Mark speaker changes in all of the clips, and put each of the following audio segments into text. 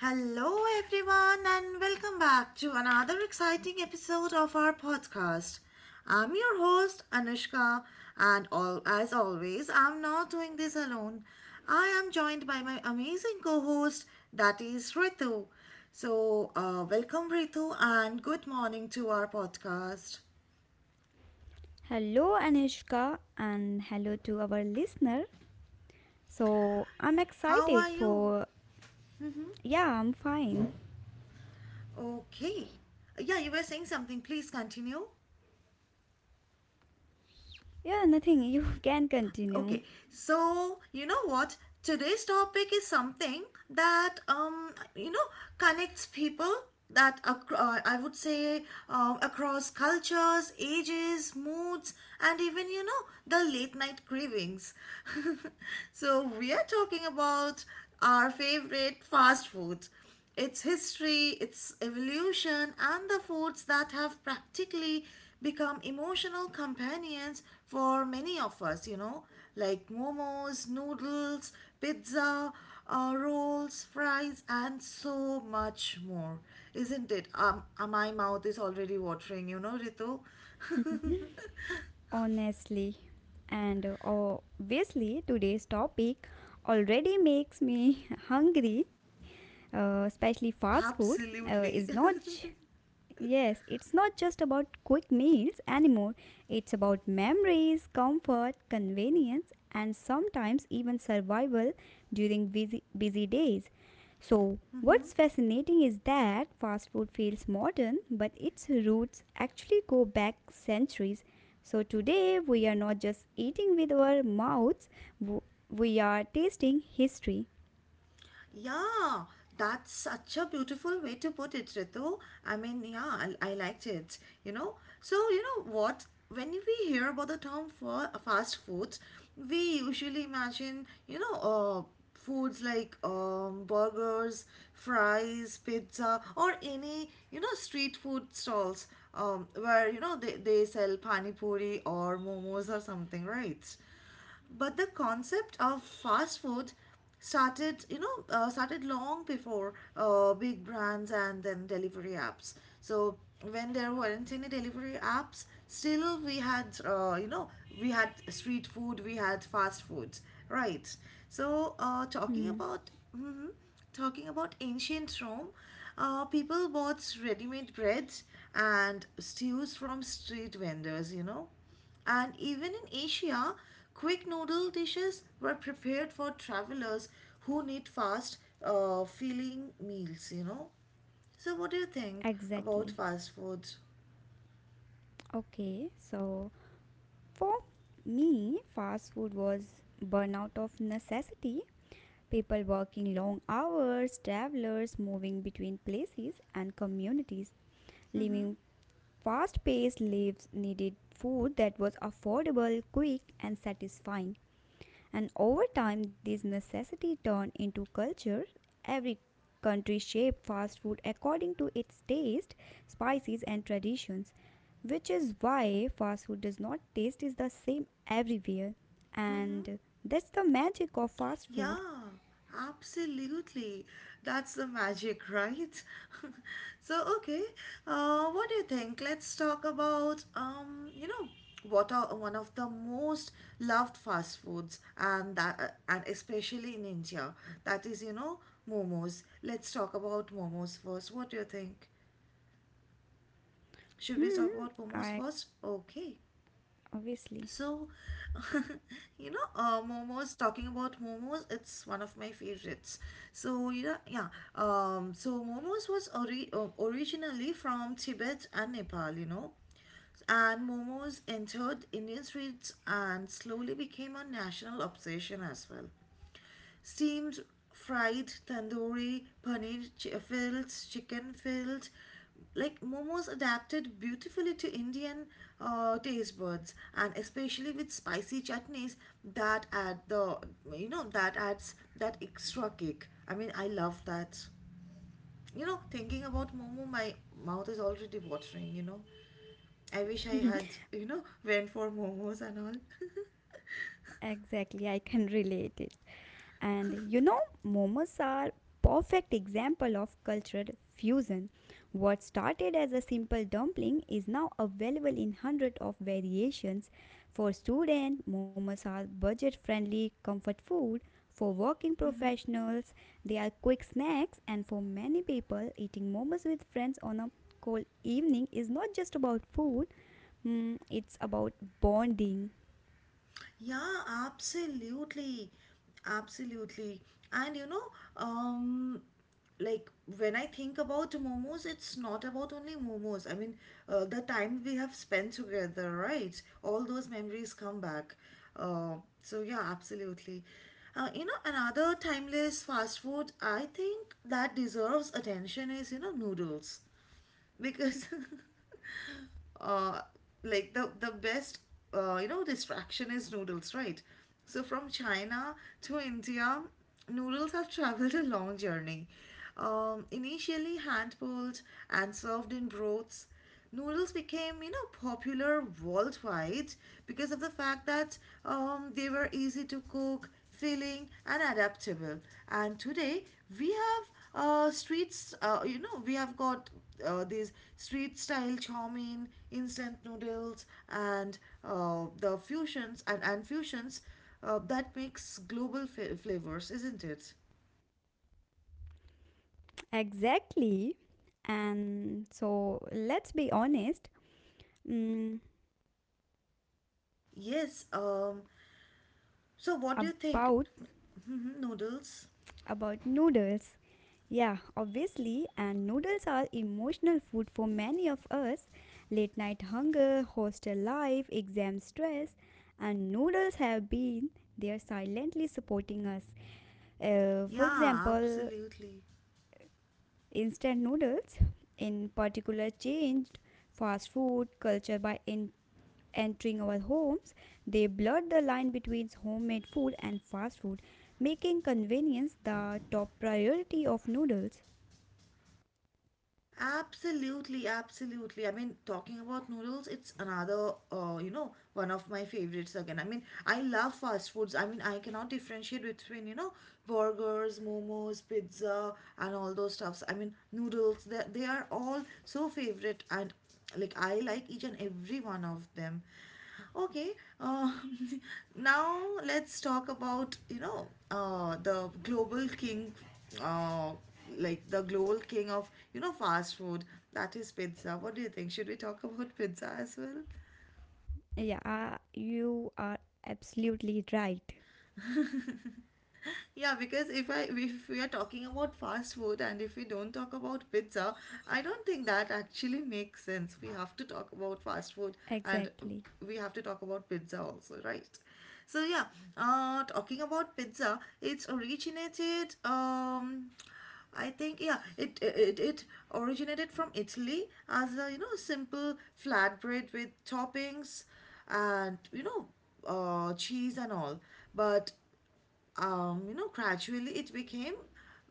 Speaker 1: Hello, everyone, and welcome back to another exciting episode of our podcast. I'm your host, Anushka, and all, as always, I'm not doing this alone. I am joined by my amazing co host, that is Ritu. So, welcome, Ritu, and good morning to our podcast.
Speaker 2: Hello, Anushka, and hello to our listener. So, I'm
Speaker 1: How are
Speaker 2: excited
Speaker 1: you?
Speaker 2: for. Yeah, I'm fine.
Speaker 1: Okay. Yeah, you were saying something. Please continue.
Speaker 2: Yeah, nothing. You can continue,
Speaker 1: Okay, so you know what? Today's topic is something that connects people that I would say across cultures, ages, moods, and even the late night cravings. So we are talking about our favorite fast food. Its history, its evolution, and the foods that have practically become emotional companions for many of us, you know, like momos, noodles, pizza, rolls, fries, and so much more. Isn't it? My mouth is already watering, you know, Ritu.
Speaker 2: honestly. And obviously, today's topic already makes me hungry, especially fast food. Is
Speaker 1: Absolutely.
Speaker 2: not Yes, it's not just about quick meals anymore. It's about memories, comfort, convenience, and sometimes even survival during busy days. So, what's fascinating is that fast food feels modern, but its roots actually go back centuries. So, today we are not just eating with our mouths, w- we are tasting history.
Speaker 1: Yeah, that's such a beautiful way to put it, Ritu. I mean, yeah, I liked it, you know. So, you know what? When we hear about the term for fast foods, we usually imagine, you know, foods like burgers, fries, pizza, or any, you know, street food stalls where, you know, they sell pani puri or momos or something, right? But the concept of fast food started you know started long before big brands and then delivery apps. So when there weren't any delivery apps, still we had we had street food, we had fast food, right? So talking about mhm, talking about ancient Rome, people bought ready-made bread and stews from street vendors, you know. And even in Asia, quick noodle dishes were prepared for travelers who need fast, filling meals, you know. So, what do you think about
Speaker 2: Exactly.
Speaker 1: fast foods?
Speaker 2: Okay, so for me, fast food was burnout of necessity. People working long hours, travelers moving between places and communities, living fast paced lives needed food that was affordable, quick, and satisfying. And over time, these necessity turned into culture. Every country shaped fast food according to its taste, spices, and traditions, which is why fast food does not taste is the same everywhere. And that's the magic of fast food.
Speaker 1: Yeah, absolutely. That's the magic, right? So, okay, what do you think? Let's talk about, you know, what are one of the most loved fast foods, and and especially in India, that is, you know, momos. Let's talk about momos first. What do you think? Should we
Speaker 2: Hmm,
Speaker 1: talk about momos
Speaker 2: I
Speaker 1: first? Okay.
Speaker 2: obviously.
Speaker 1: So, you know, momos, talking about momos, it's one of my favorites. So, yeah, yeah. So, momos was originally from Tibet and Nepal, you know. And momos entered Indian streets and slowly became a national obsession as well, steamed, fried, tandoori, fields, chicken fields. Like momos adapted beautifully to Indian taste buds, and especially with spicy chutneys that add the you know that adds that extra kick. I mean, I love that. You know, thinking about momo, my mouth is already watering. You know, I wish I had went for momos and all.
Speaker 2: Exactly, I can relate it. And you know, momos are perfect example of cultural fusion. What started as a simple dumpling is now available in hundred of variations. For students, momos are budget-friendly comfort food. For working professionals, they are quick snacks, and for many people, eating momos with friends on a cold evening is not just about food. Mm, it's about bonding.
Speaker 1: Yeah, absolutely. Absolutely. And you know, um, like when I think about momos, it's not about only momos. I mean, the time we have spent together, right? All those memories come back. Uh, so, yeah, absolutely. You know, another timeless fast food I think that deserves attention is, you know, noodles. Because uh, like the best distraction is noodles, right? So from China to India, noodles have traveled a long journey. Initially hand pulled and served in broths, noodles became popular worldwide because of the fact that they were easy to cook, filling and adaptable. And today we have streets you know we have got these street style chowmein, instant noodles, and the fusions and fusions that makes global flavors, isn't it?
Speaker 2: Exactly. And so let's be honest. mm,
Speaker 1: Yes. So what do you think
Speaker 2: about
Speaker 1: noodles?
Speaker 2: about noodles. Yeah, obviously, and noodles are emotional food for many of us. Late night hunger, hostel life, exam stress, and noodles have been there silently supporting us. For
Speaker 1: Yeah,
Speaker 2: example,
Speaker 1: absolutely.
Speaker 2: instant noodles in particular changed fast food culture by entering our homes, they blurred the line between homemade food and fast food, making convenience the top priority of noodles.
Speaker 1: Absolutely, absolutely. I mean, talking about noodles, it's another, you know, one of my favorites again. I mean, I love fast foods. I mean, I cannot differentiate between, you know, burgers, momos, pizza, and all those stuffs. I mean, noodles, they are all so favorite, and like I like each and every one of them. Okay, uh, now let's talk about the global king, uh, like the global king of fast food. That is pizza. What do you think? Should we talk about pizza as well?
Speaker 2: Yeah, you are absolutely right.
Speaker 1: Yeah, because if we are talking about fast food and if we don't talk about pizza, I don't think that actually makes sense. We have to talk about fast food and
Speaker 2: Exactly.
Speaker 1: we have to talk about pizza also, right? So yeah, talking about pizza, it's originated I think yeah, it originated from Italy as a you know simple flatbread with toppings and you know cheese and all. But you know, gradually it became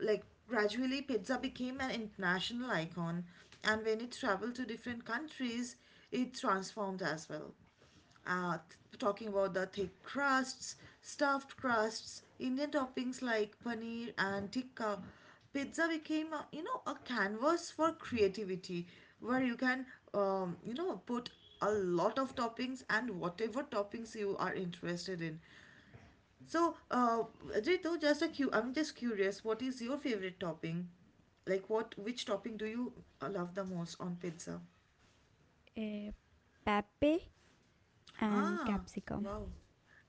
Speaker 1: like gradually pizza became an international icon, and when it traveled to different countries, it transformed as well. Talking about the thick crusts, stuffed crusts, Indian toppings like paneer and tikka, pizza became a, you know, a canvas for creativity where you can put a lot of toppings and whatever toppings you are interested in. So, Ritu, I'm just curious, what is your favorite topping? Like, what, which topping do you love the most on pizza?
Speaker 2: Uh, Pepe and
Speaker 1: Ah,
Speaker 2: capsicum.
Speaker 1: wow.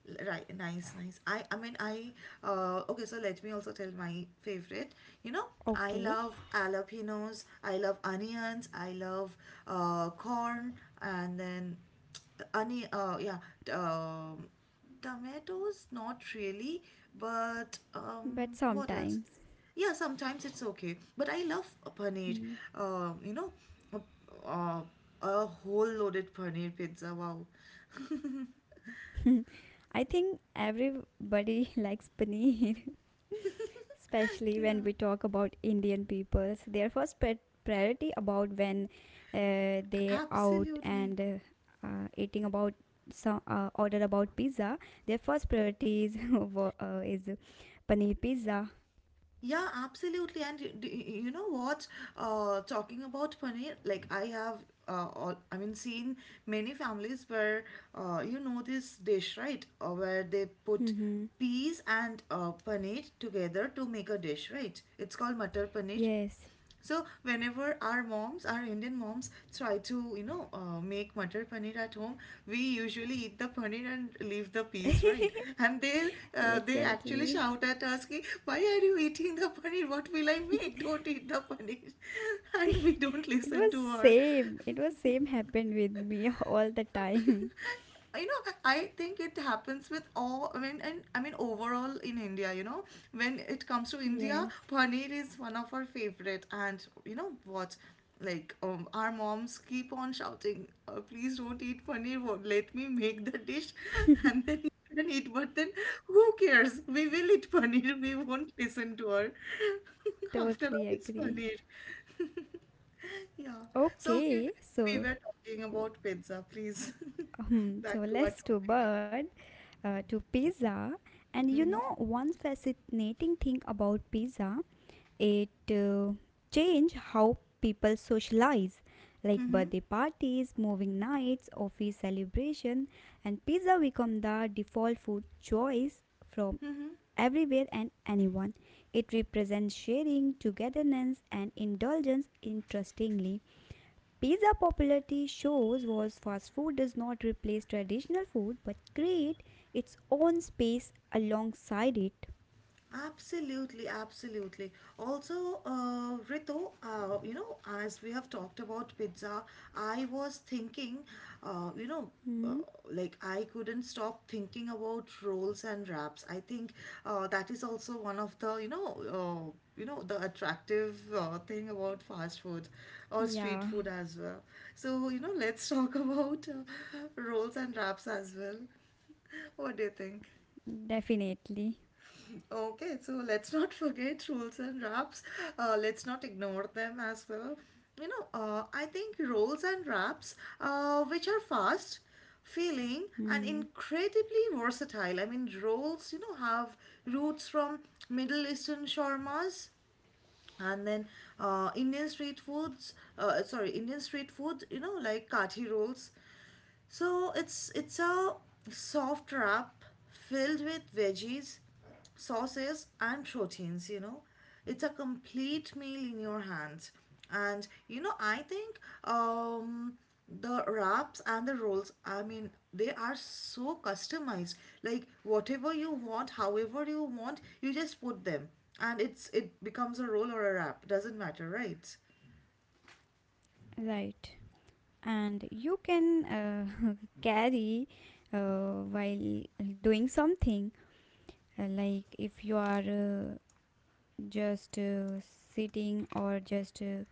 Speaker 1: Right, nice, nice. Okay, so let me also tell my favorite. You know, I
Speaker 2: Okay,
Speaker 1: love jalapenos, I love onions, I love corn, and then yeah, t- um, tomatoes, not really, but
Speaker 2: but
Speaker 1: what else?
Speaker 2: sometimes.
Speaker 1: Yeah, sometimes it's okay, but I love a paneer.
Speaker 2: Hmm.
Speaker 1: You know, a, uh, a whole loaded paneer pizza. Wow.
Speaker 2: I think everybody likes paneer. Especially
Speaker 1: Yeah,
Speaker 2: when we talk about indian peoples priority about when they out
Speaker 1: absolutely.
Speaker 2: and eating about some order about pizza, their first priority is, wo- is paneer pizza.
Speaker 1: Yeah, absolutely. And you know what? Talking about paneer, like I have, I mean, seen many families where, you know this dish, right? Where they put
Speaker 2: Mm-hmm.
Speaker 1: peas and paneer together to make a dish, right? It's called matar paneer.
Speaker 2: Yes,
Speaker 1: So whenever our moms, our Indian moms, try to make matar paneer at home, we usually eat the paneer and leave the peas, right? And they actually
Speaker 2: exactly.
Speaker 1: shout at us, "Ki, why are you eating the paneer? What will I make? Don't eat the paneer!" And we don't
Speaker 2: it
Speaker 1: listen
Speaker 2: was
Speaker 1: to her.
Speaker 2: same it was same happened with me all the time.
Speaker 1: You know, I think it happens with all, I mean, and I mean overall in India, you know, when it comes to India,
Speaker 2: Yes.
Speaker 1: paneer is one of our favorite. And you know what, like our moms keep on shouting, please don't eat paneer, let me make the dish and then you can eat. But then who cares, we will eat paneer, we won't listen to her. After all,
Speaker 2: Totally
Speaker 1: it's
Speaker 2: agree.
Speaker 1: paneer. Yeah. So, okay,
Speaker 2: Okay,
Speaker 1: we
Speaker 2: so
Speaker 1: were talking about pizza. Please,
Speaker 2: so
Speaker 1: back to our
Speaker 2: let's do
Speaker 1: topic.
Speaker 2: bird to pizza. And you
Speaker 1: Mm-hmm.
Speaker 2: know, one fascinating thing about pizza, it change how people socialize, like birthday parties, moving nights, office celebration, and pizza become the default food choice from everywhere and anyone. It represents sharing, togetherness, and indulgence. Interestingly, pizza popularity shows was fast food does not replace traditional food but create its own space alongside it.
Speaker 1: Absolutely, absolutely. Also, Ritu, you know, as we have talked about pizza, I was thinking, uh, you know, uh,
Speaker 2: Hmm.
Speaker 1: like I couldn't stop thinking about rolls and wraps. I think that is also one of the, you know, the attractive thing about fast food or street
Speaker 2: Yeah,
Speaker 1: food as well. So, you know, let's talk about rolls and wraps as well. What do you think?
Speaker 2: definitely.
Speaker 1: Okay, so let's not forget rules and wraps. Let's not ignore them as well. You know, I think rolls and wraps, which are fast, feeling, and
Speaker 2: Hmm.
Speaker 1: incredibly versatile. I mean, rolls, you know, have roots from Middle Eastern shawarmas and then Indian street foods. Sorry, Indian street food. You know, like kathi rolls. So it's a soft wrap filled with veggies, sauces and proteins, you know. It's a complete meal in your hands. And you know, I think the wraps and the rolls, I mean, they are so customized. Like whatever you want, however you want, you just put them and it becomes a roll or a wrap. Doesn't matter, right?
Speaker 2: Right. And you can carry while doing something, like if you are just sitting or just uh,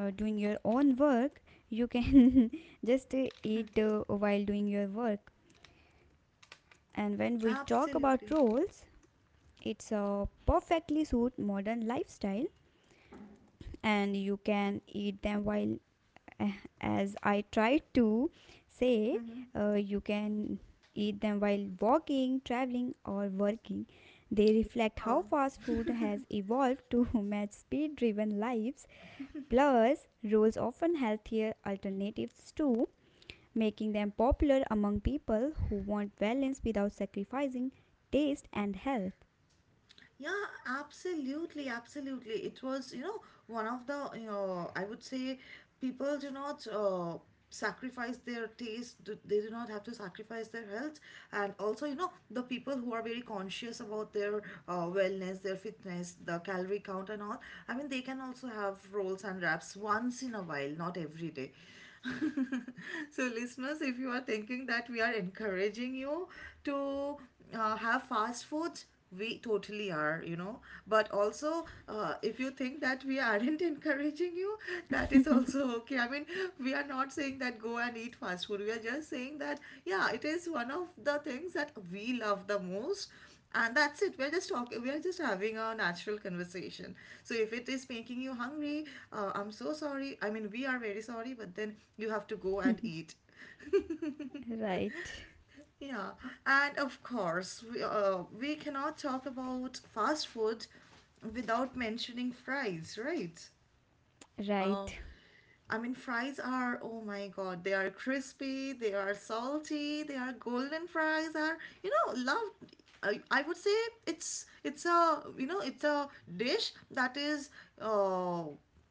Speaker 2: uh, doing your own work, you can just eat while doing your work. And when we talk about
Speaker 1: Absolutely.
Speaker 2: rolls, it's a perfectly suit modern lifestyle and you can eat them while eh, as I try to say, you can eat them while walking, traveling or working. They reflect how fast food has evolved to match speed-driven lives. Plus, rolls often healthier alternatives too, making them popular among people who want balance without sacrificing taste and health.
Speaker 1: Yeah, absolutely, absolutely. It was, you know, one of the, you know, I would say people do not sacrifice their taste, they do not have to sacrifice their health. And also, you know, the people who are very conscious about their wellness, their fitness, the calorie count, and all, I mean, they can also have rolls and wraps once in a while, not every day. So listeners, if you are thinking that we are encouraging you to have fast foods, we totally are. But also, if you think that we aren't encouraging you, that is also okay. I mean, we are not saying that go and eat fast food, we are just saying that, yeah, it is one of the things that we love the most. And that's it, we're just talking, we're just having a natural conversation. So if it is making you hungry, I'm so sorry, I mean we are very sorry, but then you have to go and eat.
Speaker 2: Right.
Speaker 1: Yeah, and of course, we cannot talk about fast food without mentioning fries, right? Uh,
Speaker 2: Right.
Speaker 1: I mean, fries are, oh my God, they are crispy, they are salty, they are golden. Fries are, you know, loved. I would say it's a dish that is,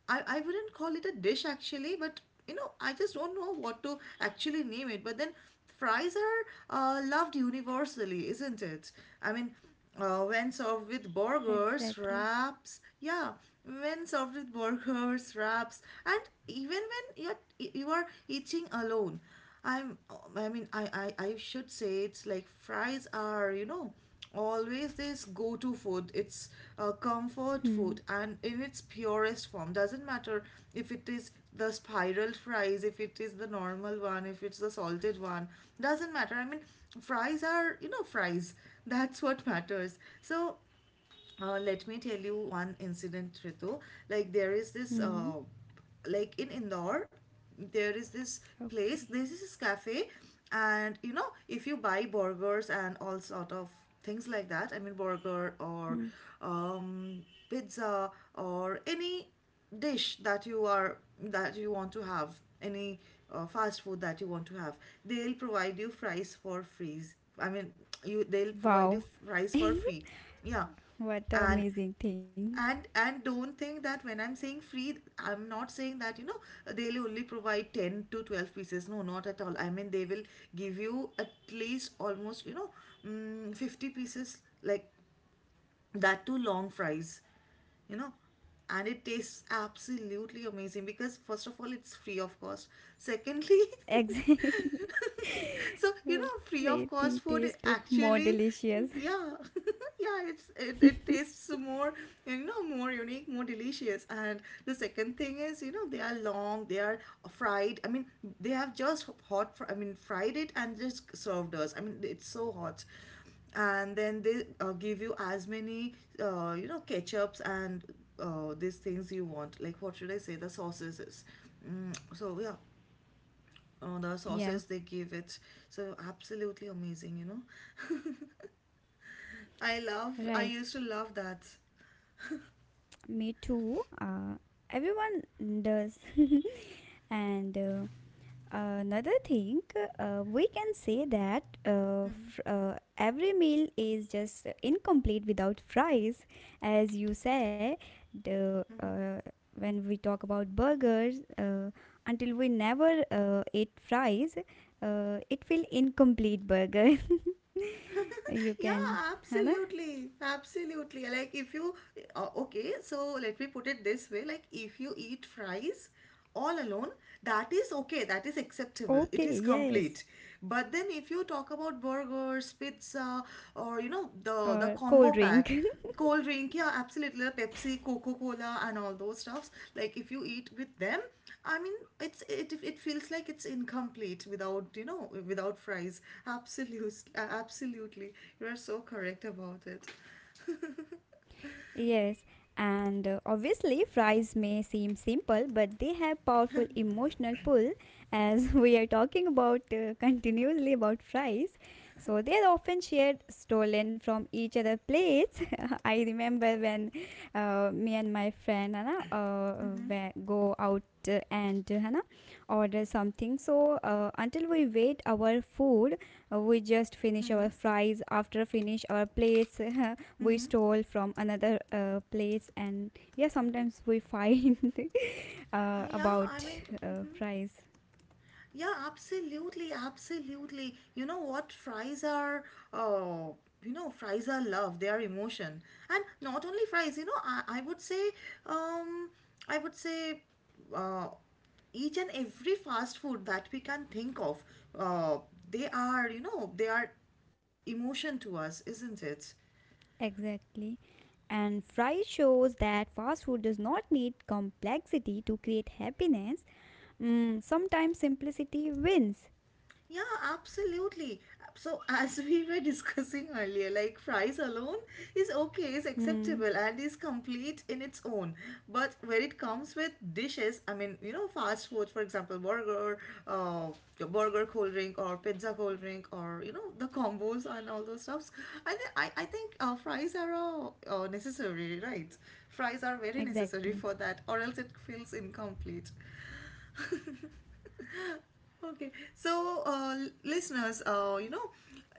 Speaker 1: I wouldn't call it a dish actually, but I just don't know what to actually name it. But then fries are, loved universally, isn't it? I mean, when served with burgers,
Speaker 2: Exactly.
Speaker 1: wraps, yeah, when served with burgers, wraps, and even when you are eating alone, I'm I mean, I should say it's like fries are, you know, always this go-to food. It's a comfort
Speaker 2: Hmm.
Speaker 1: food and in its purest form. Doesn't matter if it is the spiral fries, if it is the normal one, if it's the salted one, doesn't matter. I mean, fries are, you know, fries. That's what matters. So let me tell you one incident, Ritu. Like there is this,
Speaker 2: Hmm.
Speaker 1: like in Indore, there is this place.
Speaker 2: Okay.
Speaker 1: This is this cafe, and you know, if you buy burgers and all sort of things like that. I mean, burger
Speaker 2: Hmm.
Speaker 1: or um, pizza or any dish that you are that you want to have, any fast food that you want to have, they'll provide you fries for free. I mean, you they'll provide you
Speaker 2: Wow.
Speaker 1: fries for free. Yeah,
Speaker 2: What a
Speaker 1: and
Speaker 2: amazing thing.
Speaker 1: and don't think that when I'm saying free, I'm not saying that, they'll only provide 10 to 12 pieces. No, not at all. I mean, they will give you at least almost, 50 pieces, like that, too long fries you know and it tastes absolutely amazing because first of all it's free of cost, secondly.
Speaker 2: Exactly.
Speaker 1: So, free of cost
Speaker 2: Everything
Speaker 1: food
Speaker 2: tastes more
Speaker 1: actually.
Speaker 2: delicious.
Speaker 1: Yeah. Yeah, it tastes more, more unique, more delicious. And the second thing is, they are long, they are fried. I mean, they have just hot fried it and just served us. I mean, it's so hot. And then they give you as many ketchups and these things you want, like what should I say, the sauces. So yeah, the
Speaker 2: Yeah.
Speaker 1: sauces they give it. So absolutely amazing. I
Speaker 2: Right.
Speaker 1: used to love that.
Speaker 2: Me too. Everyone does. And Another thing, we can say that every meal is just incomplete without fries. As you say, the, uh, when we talk about burgers, until we never ate fries, it will incomplete burger. You
Speaker 1: Yeah,
Speaker 2: can, Hannah?
Speaker 1: absolutely, absolutely. Like if you, okay, so let me put it this way, like if you eat fries all alone, that is okay, that is acceptable, it
Speaker 2: Okay,
Speaker 1: is
Speaker 2: yes.
Speaker 1: complete. But then if you talk about burgers, pizza, or, you know, the
Speaker 2: Or
Speaker 1: combo
Speaker 2: cold drink.
Speaker 1: pack, cold drink, yeah, absolutely, Pepsi, Coca-Cola, and all those stuffs. Like if you eat with them, I mean, it feels like it's incomplete without, without fries. Absolutely, absolutely, you are so correct about it.
Speaker 2: Yes, and obviously, fries may seem simple, but they have powerful emotional pull as we are talking about continuously about fries. So, they are often shared, stolen from each other plates. I remember when me and my friend Hannah go out and Hannah order something. So, until we wait our food, we just finish our fries after finish our plates. We stole from another place and yeah sometimes we fight
Speaker 1: Yeah, I
Speaker 2: about
Speaker 1: mean. Mhm.
Speaker 2: fries.
Speaker 1: Yeah, absolutely, absolutely. You know what? Uh, fries are love. They are emotion, and not only fries. You know, I would say, um, I would say, uh, each and every fast food that we can think of, uh, they are, you know, they are emotion to us, isn't it?
Speaker 2: Exactly. And fry shows that fast food does not need complexity to create happiness. Mm, sometimes simplicity wins.
Speaker 1: Yeah, absolutely. So, as we were discussing earlier, like fries alone is okay, is
Speaker 2: Hmm.
Speaker 1: acceptable, and is complete in its own. But when it comes with dishes, I mean, you know, fast food, for example, burger, uh, your burger cold drink, or pizza cold drink, or you know, the combos and all those stuffs. I think fries are necessary, right? Fries are very necessary
Speaker 2: Exactly.
Speaker 1: for that, or else it feels incomplete. Okay, so listeners,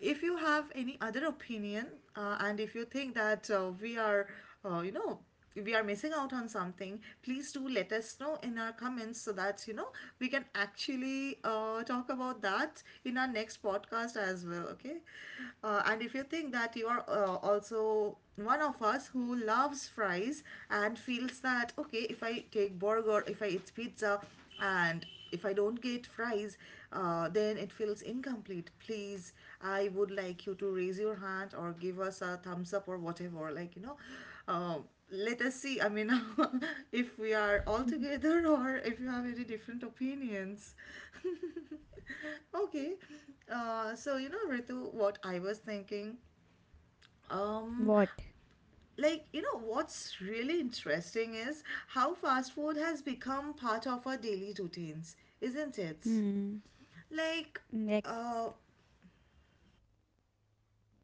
Speaker 1: if you have any other opinion, and if you think that uh, you know, we are missing out on something, please do let us know in our comments so that we can actually talk about that in our next podcast as well. Okay, and if you think that you are, also one of us who loves fries and feels that, okay, if I take burger, if I eat pizza, and if I don't get fries, then it feels incomplete. Please, I would like you to raise your hand or give us a thumbs up or whatever. Like, uh, let us see. I mean, if we are all together or if you have any different opinions. Okay. So, you know, Ritu, what I was thinking. um
Speaker 2: What.
Speaker 1: like, you know, what's really interesting is how fast food has become part of our daily routines, isn't it?
Speaker 2: Hmm.
Speaker 1: Like,
Speaker 2: ex-
Speaker 1: uh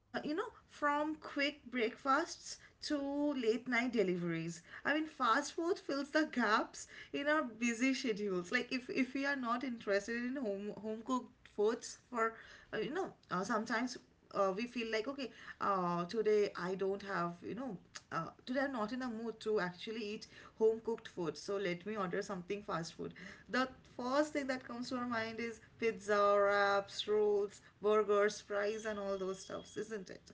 Speaker 1: you know, from quick breakfasts to late night deliveries. I mean, fast food fills the gaps in our busy schedules. Like, if we are not interested in home cooked foods for, sometimes. We feel like, okay, today I don't have you know today I'm not in a mood to actually eat home cooked food, so let me order something fast food. The first thing that comes to our mind is pizza, wraps, rolls, burgers, fries, and all those stuffs, isn't it?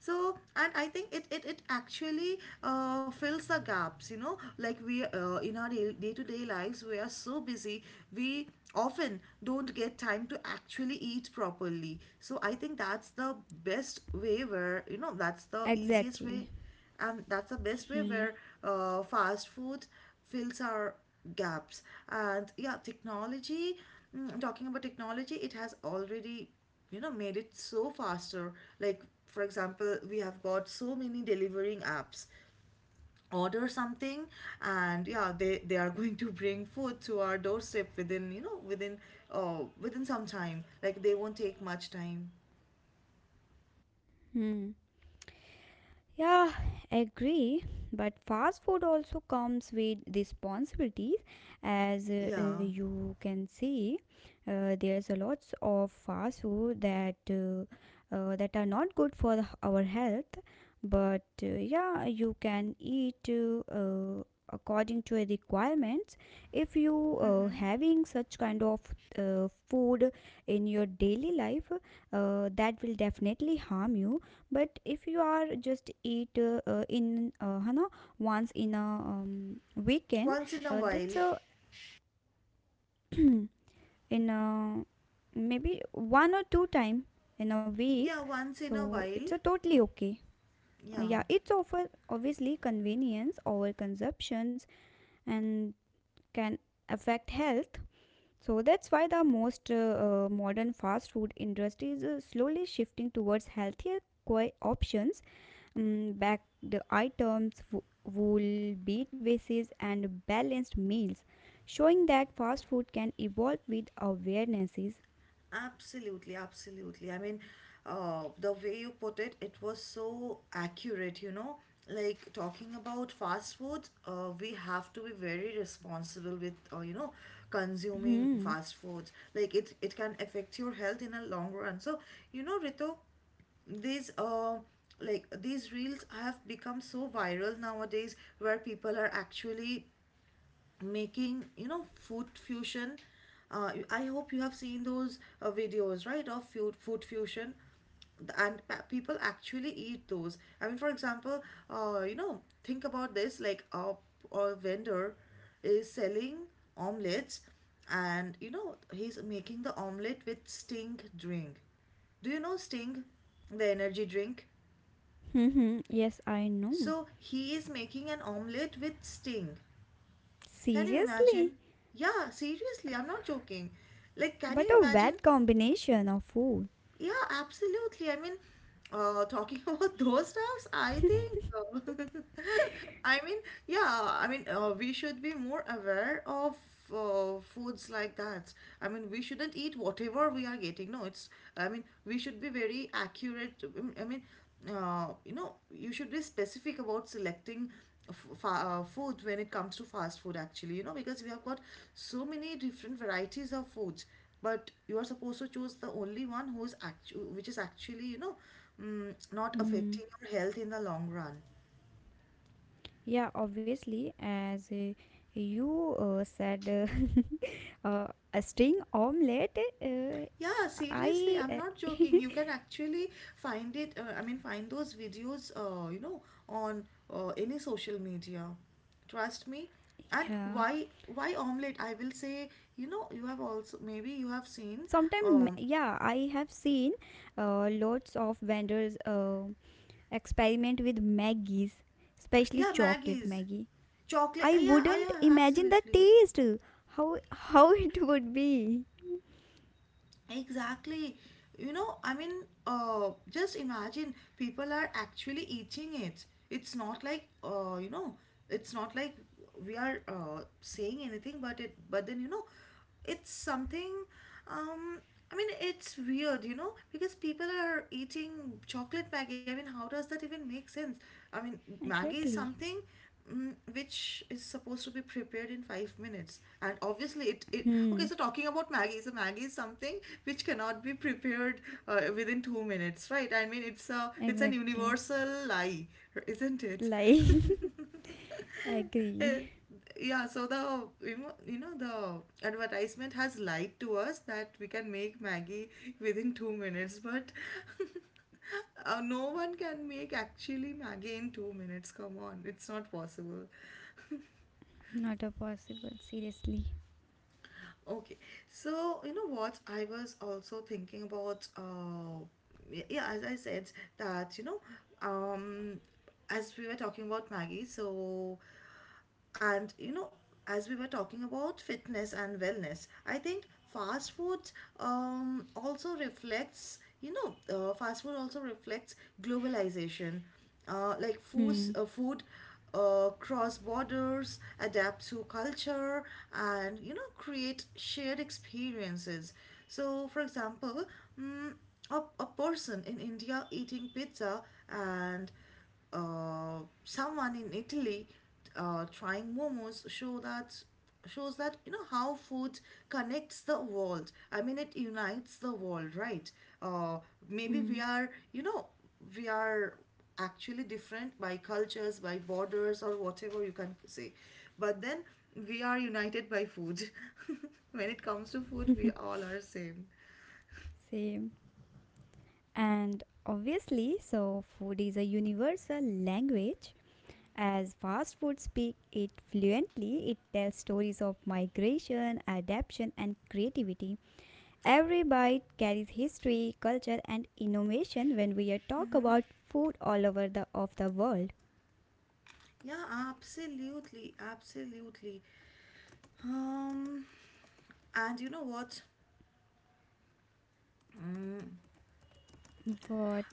Speaker 1: So, and I think it actually fills the gaps, you know, like we in our day to day lives, we are so busy, we often don't get time to actually eat properly. So, I think that's the best way where, you know, that's the easiest
Speaker 2: exactly
Speaker 1: way and that's the best way
Speaker 2: Hmm.
Speaker 1: where fast food fills our gaps. And yeah, technology, talking about technology, it has already, made it so faster. Like for example we have got so many delivering apps, order something, and yeah, they are going to bring food to our doorstep within you know within within some time. Like they won't take much time.
Speaker 2: Hmm. Yeah, agree. But fast food also comes with responsibilities, as
Speaker 1: Yeah.
Speaker 2: you can see. There's a lots of fast food that that are not good for the- our health. But yeah, you can eat according to your requirements. If you
Speaker 1: Mm-hmm.
Speaker 2: having such kind of food in your daily life, that will definitely harm you, but if you are just eat in है ना, once in a weekend,
Speaker 1: Once in a while.
Speaker 2: that's a in a maybe one or two time in a week,
Speaker 1: Yeah, once in a
Speaker 2: so it's
Speaker 1: while.
Speaker 2: a totally okay.
Speaker 1: Yeah.
Speaker 2: Yeah, it's offer obviously convenience over consumptions, and can affect health, so that's why the most modern fast food industry is slowly shifting towards healthier options. Mm, back the items, wool, beat vases, and balanced meals, showing that fast food can evolve with awarenesses.
Speaker 1: Absolutely, absolutely. I mean, the way you put it, it was so accurate, you know. Like talking about fast food, we have to be very responsible with, consuming
Speaker 2: Hmm.
Speaker 1: fast foods. Like it can affect your health in a long run. So, you know, Rito, these like these reels have become so viral nowadays, where people are actually making, food fusion. I hope you have seen those videos, right, of food fusion. And people actually eat those. I mean, for example, think about this, like a vendor is selling omelets. And you know, he's making the omelet with sting drink. Do you know sting? The energy drink.
Speaker 2: Hmm. Yes, I know.
Speaker 1: So he is making an omelet with sting. Can you
Speaker 2: Seriously,
Speaker 1: imagine? Yeah, seriously, I'm not joking. Like, can
Speaker 2: but
Speaker 1: you
Speaker 2: a
Speaker 1: imagine.
Speaker 2: bad combination of food.
Speaker 1: Yeah, absolutely. I mean, talking about those stuffs, I think, I mean, yeah, I mean, we should be more aware of foods like that. I mean, we shouldn't eat whatever we are getting. No, it's, I mean, we should be very accurate. I mean, you know, you should be specific about selecting f- fa food when it comes to fast food, actually, you know, because we have got so many different varieties of foods, but you are supposed to choose the only one who is which is actually, not
Speaker 2: Hmm.
Speaker 1: affecting your health in the long run.
Speaker 2: Yeah, obviously, as you said, uh, a string omelette. Uh,
Speaker 1: Yeah, seriously,
Speaker 2: I
Speaker 1: I'm not joking, you can actually find it I mean find those videos, on any social media, trust me. And
Speaker 2: Yeah.
Speaker 1: why omelette, I will say, you have also maybe you have seen
Speaker 2: Sometimes,
Speaker 1: um
Speaker 2: yeah, I have seen lots of vendors experiment with Maggies, especially
Speaker 1: yeah
Speaker 2: chocolate
Speaker 1: Maggie's
Speaker 2: Maggie.
Speaker 1: chocolate,
Speaker 2: I
Speaker 1: yeah,
Speaker 2: wouldn't
Speaker 1: yeah,
Speaker 2: imagine the
Speaker 1: absolutely.
Speaker 2: taste, how it would be.
Speaker 1: Exactly. You know, I mean, just imagine people are actually eating it. It's not like, you know, it's not like we are saying anything, but but then, you know, it's something, um, I mean, it's weird, you know, because people are eating chocolate Maggie. I mean, how does that even make sense? I mean, Maggie is
Speaker 2: Exactly.
Speaker 1: something, which is supposed to be prepared in 5 minutes and obviously it, it okay,
Speaker 2: Hmm.
Speaker 1: so talking about Maggie, so Maggie is something which cannot be prepared within 2 minutes, right? I mean, it's an
Speaker 2: Exactly.
Speaker 1: universal lie, isn't it?
Speaker 2: Like,
Speaker 1: Eh,
Speaker 2: agree.
Speaker 1: yeah, so the you know the advertisement has lied to us that we can make Maggie within 2 minutes, but No one can make actually Maggie in 2 minutes. Come on, it's not possible.
Speaker 2: Not a possible. Seriously.
Speaker 1: Okay, so you know what? I was also thinking about, yeah, as I said, that you know, um, as we were talking about Maggie, so, and you know, as we were talking about fitness and wellness, I think fast food um, also reflects, you know, fast food also reflects globalization. Like food,
Speaker 2: Hmm.
Speaker 1: cross borders, adapt to culture, and you know, create shared experiences. So, for example, mm, a person in India eating pizza and uh, someone in Italy trying momos shows that you know how food connects the world. I mean, it unites the world, right? Uh, Maybe
Speaker 2: Hmm.
Speaker 1: we are actually different by cultures, by borders, or whatever you can say, but then we are united by food. When it comes to food, we all are same.
Speaker 2: Same. And obviously, so food is a universal language. As fast food speak it fluently, it tells stories of migration, adaptation, and creativity. Every bite carries history, culture, and innovation when we are talk about food all over the of the world.
Speaker 1: Yeah, absolutely, absolutely. Um, and you know what? Um,
Speaker 2: What?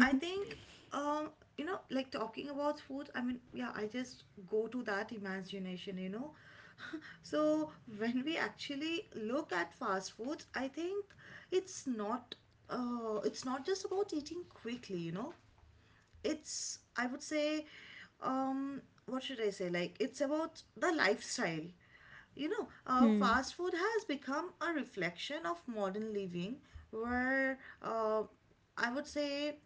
Speaker 1: I think, um, like talking about food, I mean, yeah, I just go to that imagination. So when we actually look at fast foods, I think it's not, it's not just about eating quickly. It's I would say, um what should I say, like it's about the lifestyle.
Speaker 2: Hmm.
Speaker 1: Fast food has become a reflection of modern living where, I would say,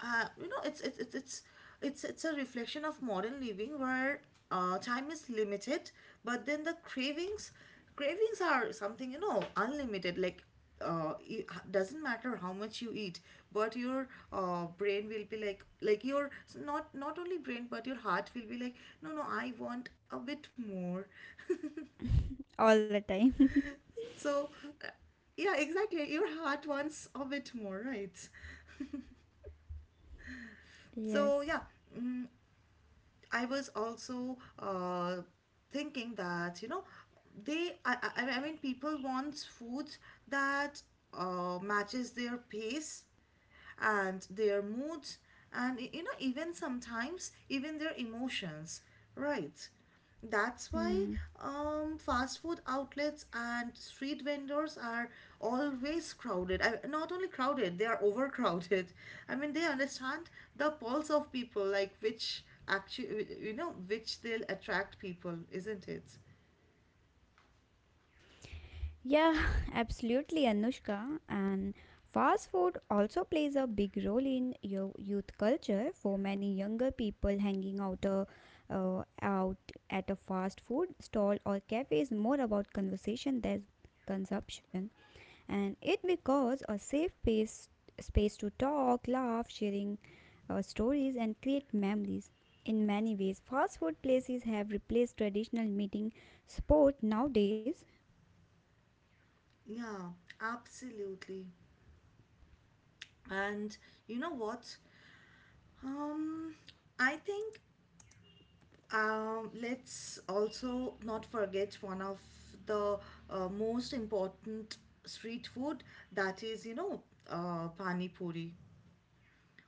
Speaker 1: uh, you know it's it's it's it's it's a reflection of modern living where time is limited, but then the cravings cravings are something, unlimited. Like, it doesn't matter how much you eat, but your brain will be like your not only brain, but your heart will be like, no, no, I want a bit more.
Speaker 2: All the
Speaker 1: So,
Speaker 2: time.
Speaker 1: uh, yeah, exactly, your heart wants a bit more, right? So, yeah,
Speaker 2: Yes.
Speaker 1: I was also thinking that you know, I mean, people want food that matches their pace and their moods, and you know, even sometimes even their emotions, right? That's why,
Speaker 2: Hmm.
Speaker 1: fast food outlets and street vendors are always crowded. Not only crowded, they are overcrowded. I mean, they understand the pulse of people, like, which actually, you know, which they'll attract people, isn't it?
Speaker 2: Yeah, absolutely, Anushka. And fast food also plays a big role in your youth culture. For many younger people, hanging out at a fast food stall or cafe is more about conversation than consumption, and it because a safe space space to talk, laugh, sharing stories, and create memories. In many ways, fast food places have replaced traditional meeting spot nowadays.
Speaker 1: Yeah, absolutely. And you know what? um I think. Let's also not forget one of the most important street food, that is, you know, pani puri.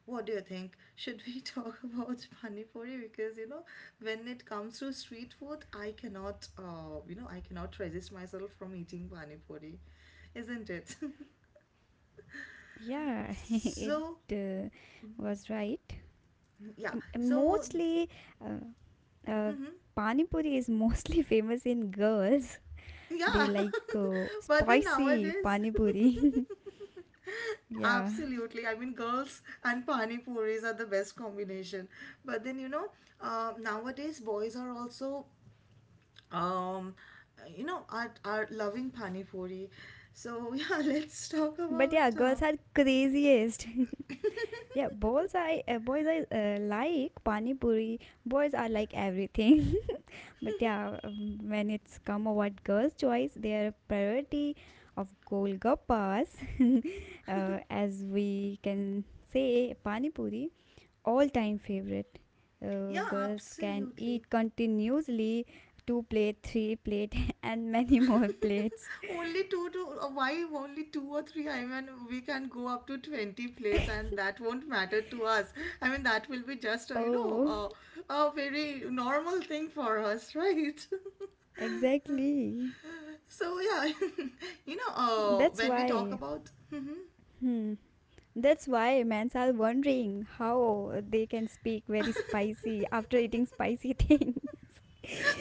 Speaker 1: What do you think? Should we talk about pani puri? Because, you know, when it comes to street food, I cannot resist myself from eating pani puri, isn't it?
Speaker 2: Yeah, it
Speaker 1: So,
Speaker 2: uh, was right.
Speaker 1: yeah.
Speaker 2: M-
Speaker 1: So,
Speaker 2: Mostly, uh, uh,
Speaker 1: mhm.
Speaker 2: Pani Puri is mostly famous in girls. They
Speaker 1: Yeah.
Speaker 2: like
Speaker 1: But then
Speaker 2: spicy
Speaker 1: nowadays,
Speaker 2: Pani Puri. Yeah,
Speaker 1: absolutely. I mean, girls and pani puris are the best combination. But then, you know, nowadays boys are also, um, you know, are loving pani puri. So, yeah, let's talk
Speaker 2: but
Speaker 1: about.
Speaker 2: yeah, girls are craziest. Yeah, boys I like Pani Puri. Boys are like everything. But yeah, when it's come about girls' choice, their priority of golgappas, as we can say, pani puri, all-time favorite.
Speaker 1: Yeah,
Speaker 2: Girls can
Speaker 1: absolutely.
Speaker 2: eat continuously two plate, three plate, and many more plates.
Speaker 1: Only two to— why only two or three? I mean, we can go up to 20 plates, and that won't matter to us. I mean, that will be just a, you know,
Speaker 2: Oh,
Speaker 1: a very normal thing for us, right?
Speaker 2: exactly.
Speaker 1: So, yeah, you know,
Speaker 2: That's
Speaker 1: when we talk
Speaker 2: why.
Speaker 1: about. Mhm.
Speaker 2: Hmm. That's why men are wondering how they can speak very spicy after eating spicy thing.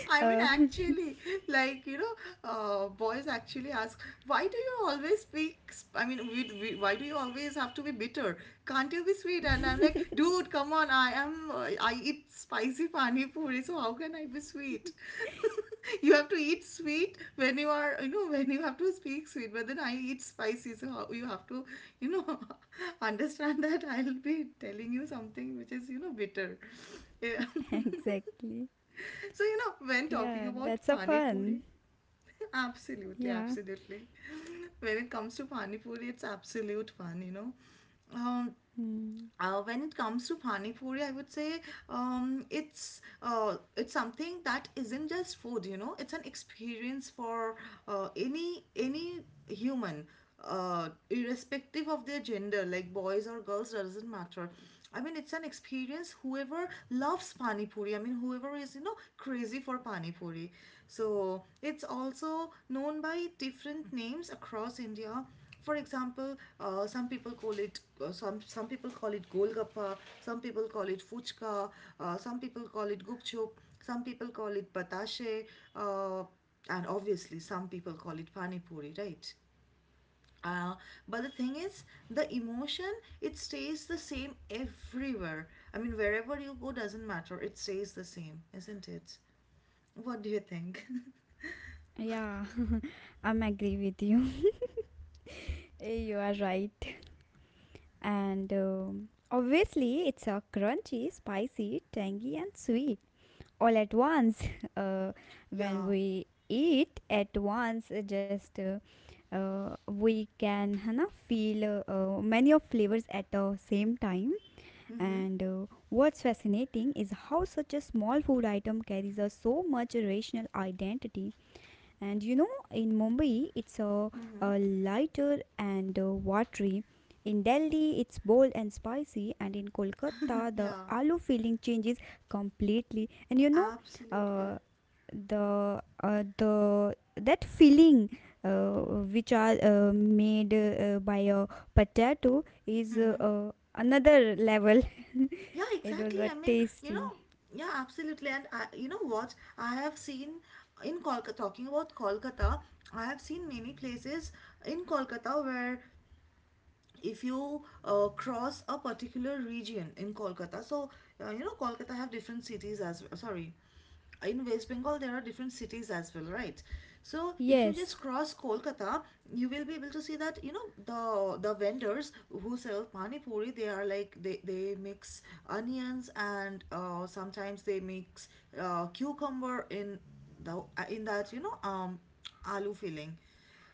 Speaker 1: I mean,
Speaker 2: Oh,
Speaker 1: actually, like, you know, boys actually ask, why do you always speak? I mean, why do you always have to be bitter? Can't you be sweet? And I'm like, dude, come on, I eat spicy pani puri, so how can I be sweet? You have to eat sweet when you are, you know, when you have to speak sweet, but then I eat spicy, so how, you have to, you know, understand that I'll be telling you something which is, you know, bitter. Yeah.
Speaker 2: exactly.
Speaker 1: So, you know, when talking
Speaker 2: Yeah,
Speaker 1: about
Speaker 2: that's a
Speaker 1: Pani Puri,
Speaker 2: fun.
Speaker 1: absolutely,
Speaker 2: Yeah.
Speaker 1: absolutely. When it comes to Pani Puri, it's absolute fun. Um,
Speaker 2: Hmm.
Speaker 1: when it comes to pani puri, I would say, it's something that isn't just food. You know, it's an experience for any human, irrespective of their gender, like boys or girls, doesn't matter. I mean, it's an experience. Whoever loves pani puri, I mean, whoever is, you know, crazy for pani puri, so it's also known by different names across India. For example, some people call it— some people call it golgappa, some people call it fuchka, some people call it gupchup, some people call it batashe, uh, and obviously some people call it pani puri, right? uh, but the thing is, the emotion, it stays the same everywhere. I mean, wherever you go, doesn't matter, it stays the same, isn't it? What do you think?
Speaker 2: Yeah, I'm agree with you. You are right. And obviously, it's a crunchy, spicy, tangy, and sweet all at once. Uh, when
Speaker 1: Yeah.
Speaker 2: we eat at once, just we can, है ना, feel many of flavors at the same time.
Speaker 1: Mm-hmm.
Speaker 2: And what's fascinating is how such a small food item carries a so much rational identity. And you know, in Mumbai, it's
Speaker 1: Mm-hmm.
Speaker 2: a lighter and watery. In Delhi, it's bold and spicy, and in Kolkata, the
Speaker 1: Yeah,
Speaker 2: aloo feeling changes completely. And you know,
Speaker 1: absolutely.
Speaker 2: uh, the that feeling uh, which are made by a potato is
Speaker 1: Mm-hmm.
Speaker 2: another level.
Speaker 1: Yeah,
Speaker 2: It was
Speaker 1: exactly.
Speaker 2: a
Speaker 1: I mean, you know,
Speaker 2: tasty.
Speaker 1: yeah, absolutely. And I, you know what? I have seen in Kolkata, talking about Kolkata, I have seen many places in Kolkata where, if you cross a particular region in Kolkata, so, you know, Kolkata have different cities as well. Sorry, in West Bengal there are different cities as well, right? So if you
Speaker 2: Yes.
Speaker 1: just cross Kolkata, you will be able to see that you know the vendors who sell pani puri, they are like they mix onions, and sometimes they mix cucumber in the in that, you know, aloo filling.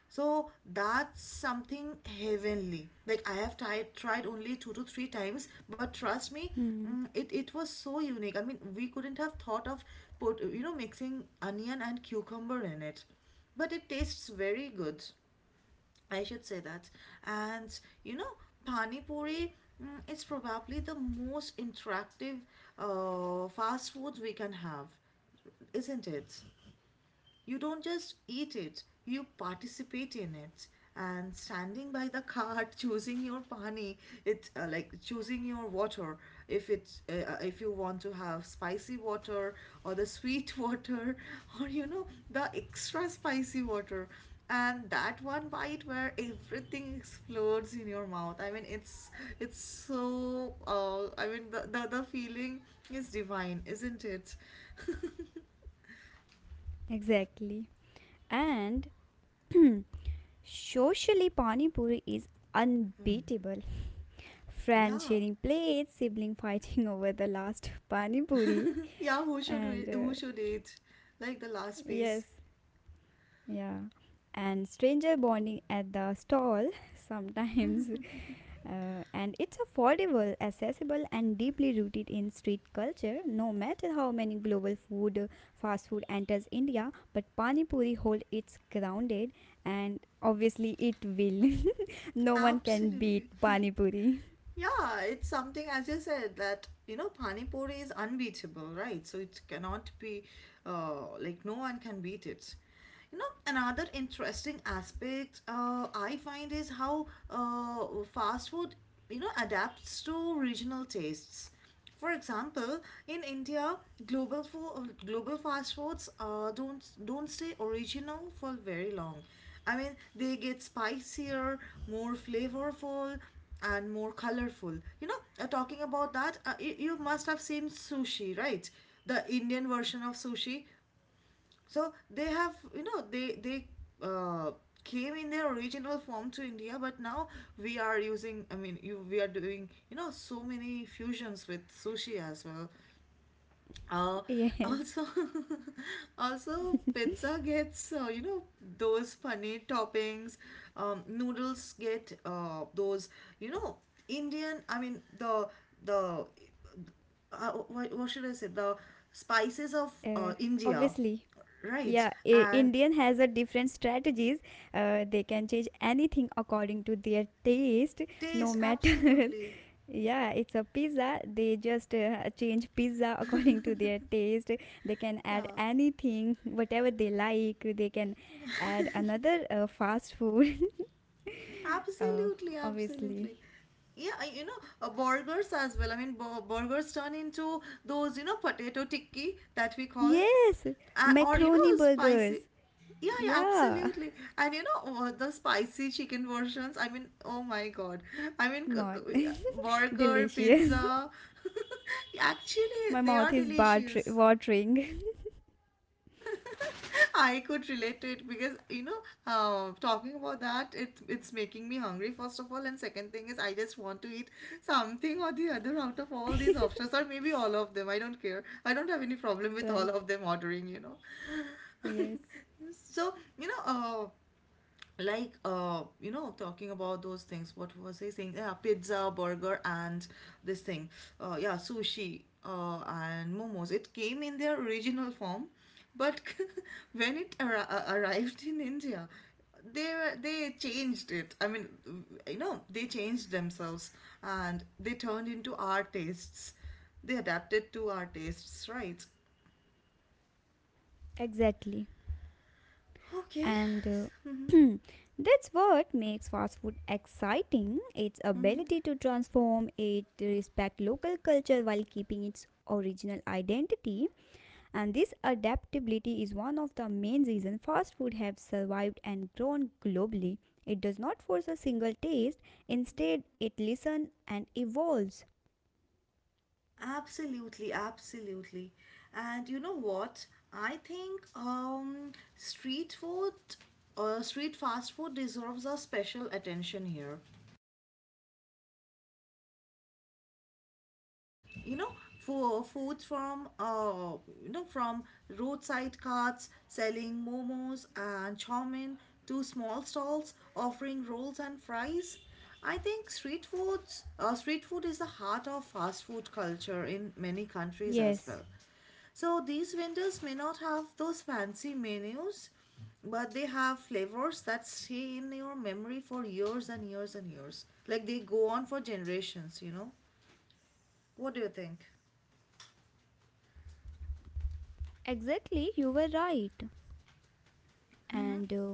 Speaker 1: So that's something heavenly. Like, I have tried only two to three times, but trust me,
Speaker 2: Hmm,
Speaker 1: it was so unique. I mean, we couldn't have thought of— put you know mixing onion and cucumber in it, but it tastes very good, I should say that. And you know, Pani Puri, is probably the most interactive fast food we can have, isn't it? You don't just eat it, you participate in it. And standing by the cart, choosing your pani, it's, like choosing your water. If you want to have spicy water, or the sweet water, or you know, the extra spicy water, and that one bite where everything explodes in your mouth. I mean, it's so. I mean, the feeling is divine, isn't it?
Speaker 2: exactly. And socially, Pani Puri is unbeatable. Friends
Speaker 1: Yeah.
Speaker 2: sharing plates, sibling fighting over the last Pani Puri,
Speaker 1: Yeah,
Speaker 2: and
Speaker 1: who
Speaker 2: uh,
Speaker 1: should eat? Like, the last
Speaker 2: yes,
Speaker 1: piece.
Speaker 2: yeah. And stranger bonding at the stall. Sometimes. And it's affordable, accessible, and deeply rooted in street culture. No matter how many global food, fast food enters India, but Pani Puri hold its grounded, and obviously it will. No one can beat
Speaker 1: Absolutely.
Speaker 2: Pani Puri.
Speaker 1: Yeah, it's something, as you said, that you know pani puri is unbeatable, right? So it cannot be, like, no one can beat it. You know, another interesting aspect, I find, is how, fast food, you know, adapts to regional tastes. For example, in India, global fast foods don't stay original for very long. I mean, they get spicier, more flavorful, and more colorful. You know, talking about that, you must have seen sushi, right? The Indian version of sushi, so they have, you know, they uh, came in their original form to India, but now we are doing, you know, so many fusions with sushi as well. uh,
Speaker 2: Yes,
Speaker 1: Also, also pizza gets, you know, those funny toppings. Noodles get, those, you know, Indian— I mean, the what should I say? The spices of,
Speaker 2: uh,
Speaker 1: India,
Speaker 2: obviously.
Speaker 1: right?
Speaker 2: Yeah, I-
Speaker 1: And
Speaker 2: Indian has a different strategies. They can change anything according to their taste, no
Speaker 1: taste,
Speaker 2: matter.
Speaker 1: absolutely.
Speaker 2: Yeah, it's a pizza. They just change pizza according to their taste. They can add
Speaker 1: Yeah.
Speaker 2: anything, whatever they like. They can add another fast food, uh,
Speaker 1: Absolutely,
Speaker 2: obviously.
Speaker 1: absolutely. Yeah, you know, burgers as well. I mean, burgers turn into those, you know, potato tikki that we call,
Speaker 2: Yes,
Speaker 1: or, you know,
Speaker 2: macaroni
Speaker 1: spicy.
Speaker 2: burgers.
Speaker 1: Yeah, yeah,
Speaker 2: Yeah,
Speaker 1: absolutely. And you know, oh, the spicy chicken versions, I mean, oh my God. I mean,
Speaker 2: mod
Speaker 1: burger,
Speaker 2: delicious.
Speaker 1: pizza. Actually,
Speaker 2: My
Speaker 1: they
Speaker 2: mouth
Speaker 1: are
Speaker 2: is bat-
Speaker 1: delicious.
Speaker 2: watering.
Speaker 1: I could relate to it because, you know, talking about that, it's making me hungry first of all, and second thing is I just want to eat something or the other out of all these options, or maybe all of them. I don't care. I don't have any problem with
Speaker 2: Right.
Speaker 1: all of them ordering. You know,
Speaker 2: Yes.
Speaker 1: so you know, like, you know, talking about those things— what was I saying? Yeah, pizza, burger and this thing, yeah, sushi, and momos, it came in their original form, but when it arrived in India, they changed it. I mean, you know, they changed themselves, and they turned into our tastes. They adapted to our tastes, right?
Speaker 2: Exactly.
Speaker 1: Okay.
Speaker 2: And
Speaker 1: Mhm.
Speaker 2: that's what makes fast food exciting its ability to transform it, to respect local culture while keeping its original identity. And this adaptability is one of the main reasons fast food have survived and grown globally. It does not force a single taste, instead, it listens and evolves.
Speaker 1: Absolutely, absolutely. And you know what? I think, street fast food deserves a special attention here. You know, for foods from, you know, from roadside carts selling momos and chow mein, to small stalls offering rolls and fries, I think street food is the heart of fast food culture in many countries as
Speaker 2: Yes,
Speaker 1: well. So these vendors may not have those fancy menus, but they have flavors that stay in your memory for years and years and years. Like, they go on for generations, you know? What do you think?
Speaker 2: exactly, you were right. And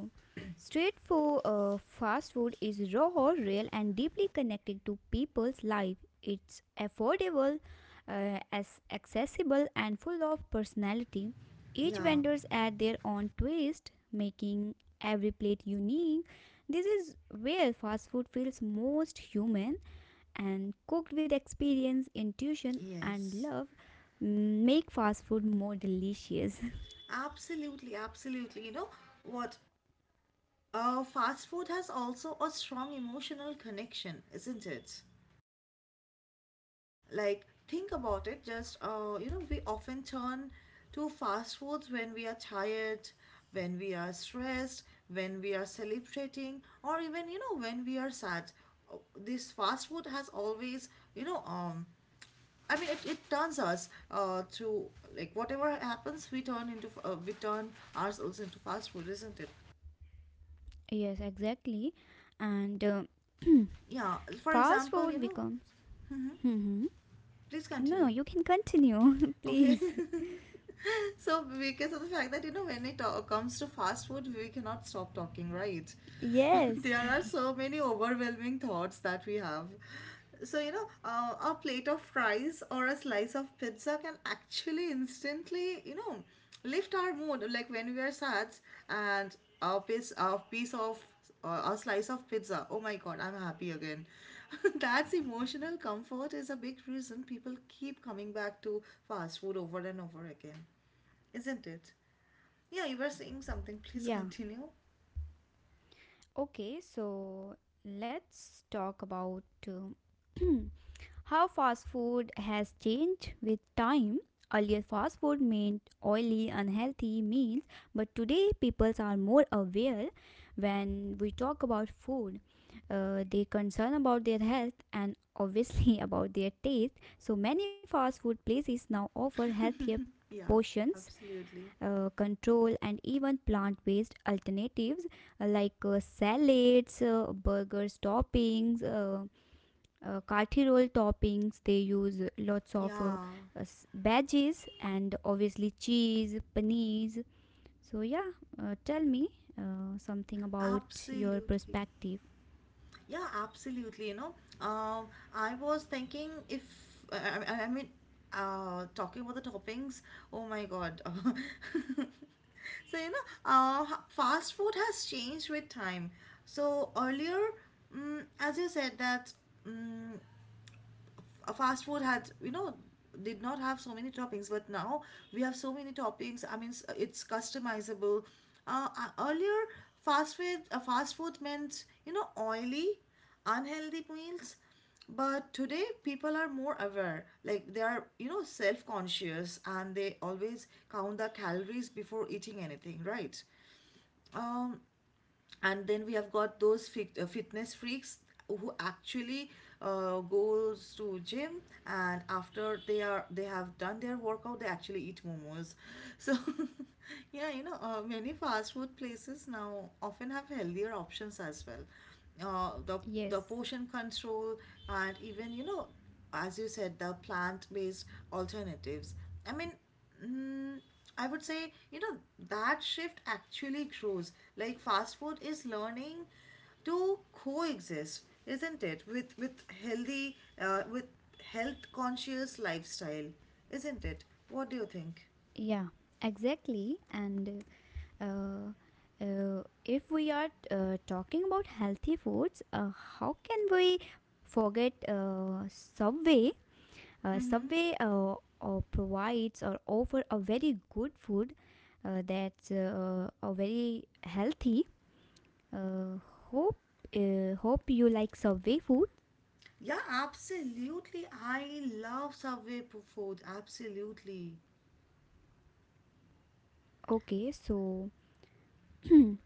Speaker 2: Street food, fast food is raw, or real, and deeply connected to people's life. It's affordable, as accessible, and full of personality. Each
Speaker 1: Yeah,
Speaker 2: vendors add their own twist, making every plate unique. This is where fast food feels most human and cooked with experience, intuition, and
Speaker 1: yes.
Speaker 2: love. Make fast food more delicious.
Speaker 1: Absolutely, absolutely. You know what? Fast food has also a strong emotional connection, isn't it? Like, think about it. Just, we often turn to fast foods when we are tired, when we are stressed, when we are celebrating, or even, when we are sad. This fast food has always, you know, um, I mean, it turns us to, like, whatever happens, we turn ourselves into fast food, isn't it?
Speaker 2: Yes, exactly. And
Speaker 1: Yeah. For
Speaker 2: fast
Speaker 1: example,
Speaker 2: food becomes. hmm
Speaker 1: please
Speaker 2: No, no,
Speaker 1: continue.
Speaker 2: you can continue,
Speaker 1: Okay.
Speaker 2: please.
Speaker 1: So because of the fact that when it comes to fast food, we cannot stop talking, right?
Speaker 2: Yes.
Speaker 1: There are so many overwhelming thoughts that we have. So, a plate of fries or a slice of pizza can actually instantly, lift our mood, like when we are sad. And a piece a piece of a slice of pizza, oh my God, I'm happy again. that's Emotional comfort is a big reason people keep coming back to fast food over and over again, isn't it? Yeah, you were saying something. Please
Speaker 2: Yeah.
Speaker 1: continue.
Speaker 2: Okay. Let's talk about how fast food has changed with time. Earlier, fast food meant oily, unhealthy meals, but today people are more aware when we talk about food. They concern about their health and obviously about their taste. So many fast food places now offer healthier
Speaker 1: Yeah,
Speaker 2: portions,
Speaker 1: absolutely.
Speaker 2: control, and even plant-based alternatives like salads, burgers, toppings. Kathi roll toppings, they use lots of
Speaker 1: Yeah,
Speaker 2: uh, veggies and obviously cheese paneers. So yeah, tell me something about your
Speaker 1: absolutely.
Speaker 2: perspective.
Speaker 1: Yeah, absolutely. Um, I was thinking, if I mean, talking about the toppings. Oh my God. So, fast food has changed with time. So, earlier, as you said, that mm a fast food had, did not have so many toppings, but now we have so many toppings. I mean, it's customizable. Earlier, fast food, meant, oily, unhealthy meals, but today people are more aware. Like, they are, self-conscious, and they always count the calories before eating anything, right? um and then we have got those fitness freaks who actually, goes to gym, and after they have done their workout, they actually eat momos. So, yeah, many fast food places now often have healthier options as well. uh, the the
Speaker 2: Yes,
Speaker 1: portion control, and even, as you said, the plant based alternatives. I mean, Mm, I would say, that shift actually grows. Like, fast food is learning to coexist, isn't it? With health conscious lifestyle, isn't it? What do you think?
Speaker 2: yeah, exactly. and uh, if we are talking about healthy foods, how can we forget Subway? Subway provides or offer a very good food that's a very healthy. Uh, hope hope you like Subway food.
Speaker 1: Yeah, absolutely. I love Subway food. Absolutely.
Speaker 2: Okay, so so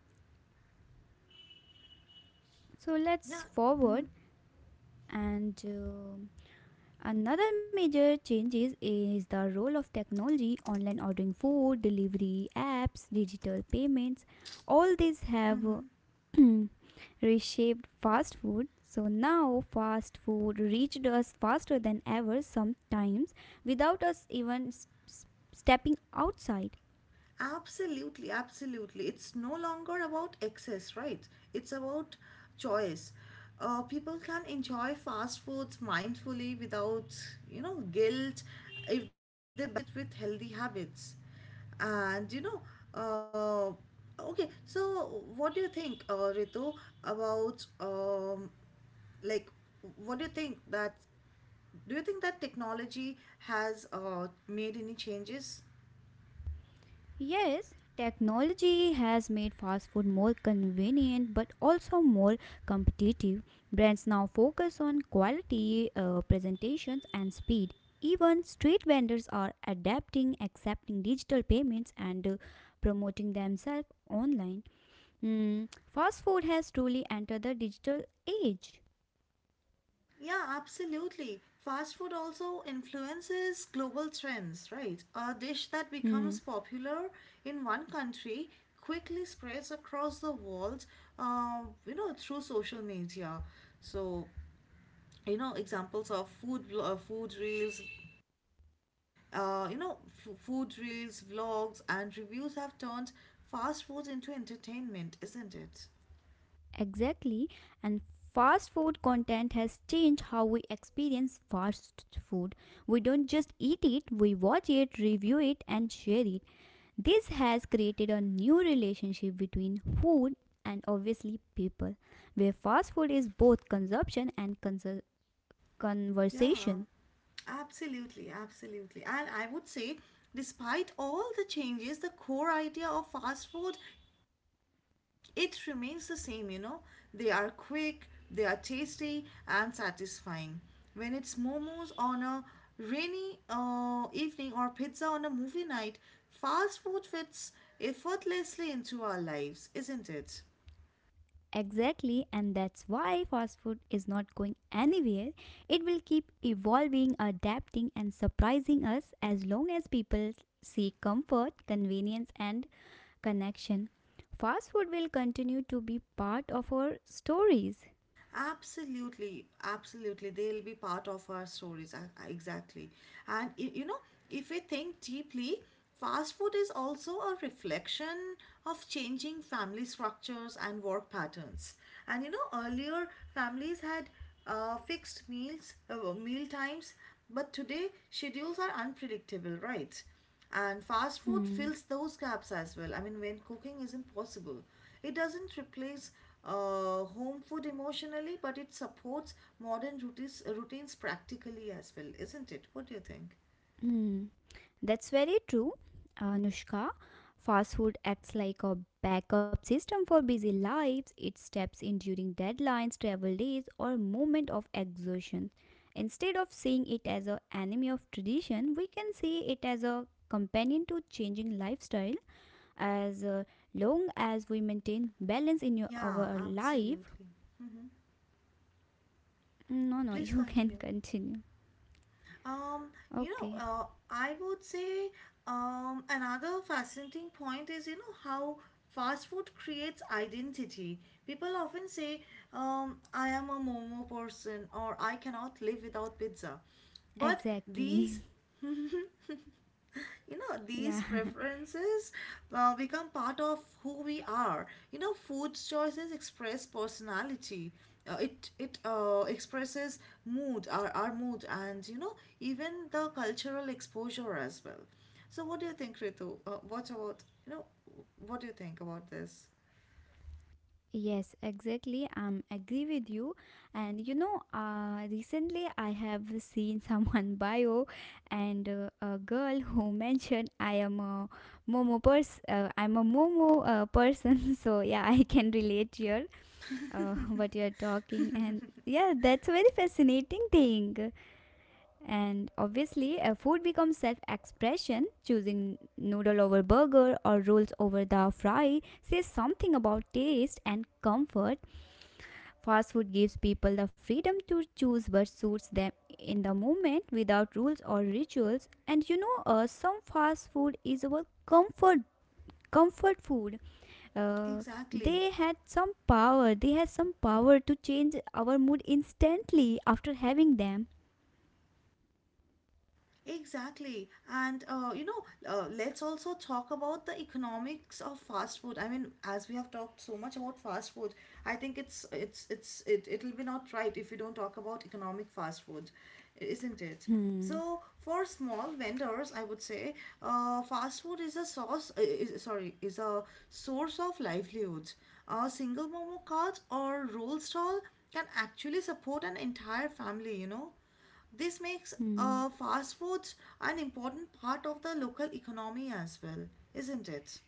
Speaker 1: Yeah,
Speaker 2: let's forward and another major changes is the role of technology, online ordering food, delivery apps, digital payments. All these have reshaped fast food. So now fast food reached us faster than ever, sometimes without us even stepping outside.
Speaker 1: absolutely, absolutely. It's no longer about excess, right? It's about choice. People can enjoy fast foods mindfully without, guilt, if they balance it with healthy habits. And, uh, okay, so what do you think, Ritu, about, like, what do you think that, do you think that technology has, made any changes?
Speaker 2: Yes, technology has made fast food more convenient but also more competitive. Brands now focus on quality, presentations, and speed. Even street vendors are adapting, accepting digital payments, and promoting themselves online. Hmm. Fast food has truly entered the digital age.
Speaker 1: Yeah, absolutely. Fast food also influences global trends, right? A dish that
Speaker 2: Hmm.
Speaker 1: becomes popular in one country quickly spreads across the world, through social media. So, examples of food reels, uh, you know, vlogs, and reviews have turned fast food into entertainment, isn't it?
Speaker 2: Exactly, and fast food content has changed how we experience fast food. We don't just eat it, we watch it, review it, and share it. This has created a new relationship between food and obviously people, where fast food is both consumption and
Speaker 1: Yeah.
Speaker 2: conversation.
Speaker 1: Absolutely, absolutely. And I would say, despite all the changes, the core idea of fast food, it remains the same. They are quick, they are tasty and satisfying. When it's momos on a rainy, evening, or pizza on a movie night, fast food fits effortlessly into our lives, isn't it?
Speaker 2: Exactly, and that's why fast food is not going anywhere. It will keep evolving, adapting, and surprising us as long as people seek comfort, convenience, and connection. Fast food will continue to be part of our stories.
Speaker 1: Absolutely, absolutely. They'll be part of our stories. Exactly. And, if we think deeply, fast food is also a reflection of changing family structures and work patterns. And, earlier, families had, meal times, but today schedules are unpredictable, right? And fast food
Speaker 2: Hmm.
Speaker 1: fills those gaps as well. I mean, when cooking isn't possible, it doesn't replace, home food emotionally, but it supports modern routines practically as well, isn't it? What do you think?
Speaker 2: Hmm. That's very true, Anushka. Fast food acts like a backup system for busy lives. It steps in during deadlines, travel days, or moment of exhaustion. Instead of seeing it as an enemy of tradition, we can see it as a companion to changing lifestyle. As long as we maintain balance in your,
Speaker 1: Yeah,
Speaker 2: our life,
Speaker 1: absolutely. Hmm.
Speaker 2: no, no,
Speaker 1: Please
Speaker 2: you can
Speaker 1: continue.
Speaker 2: continue.
Speaker 1: Um,
Speaker 2: Okay,
Speaker 1: I would say, another fascinating point is, how fast food creates identity. People often say, I am a momo person, or I cannot live without pizza. But
Speaker 2: exactly.
Speaker 1: these
Speaker 2: Yeah.
Speaker 1: these preferences, become part of who we are. Food choices express personality. It expresses mood, our mood, and, even the cultural exposure as well. So what do you think, Ritu? What do you think about this,
Speaker 2: Yes, exactly. I'm agree with you. And you know, recently I have seen someone bio and a girl who mentioned I am a Momo pers. I'm a Momo person. So yeah, I can relate here what you're talking. And yeah, that's a very fascinating thing. And obviously, food becomes self-expression. Choosing noodle over burger or rolls over the fry says something about taste and comfort. Fast food gives people the freedom to choose what suits them in the moment without rules or rituals. And you know, some fast food is our comfort food. Uh,
Speaker 1: exactly?
Speaker 2: they had some power. They had some power to change our mood instantly after having them.
Speaker 1: Exactly. And, let's also talk about the economics of fast food. I mean, as we have talked so much about fast food, I think it'll be not right if we don't talk about economic fast food, isn't it?
Speaker 2: Hmm.
Speaker 1: So for small vendors, I would say, fast food is a source. Sorry, is a source of livelihood. A single momo cart or roll stall can actually support an entire family. You know. This makes,
Speaker 2: Hmm.
Speaker 1: fast foods an important part of the local economy as well, isn't it?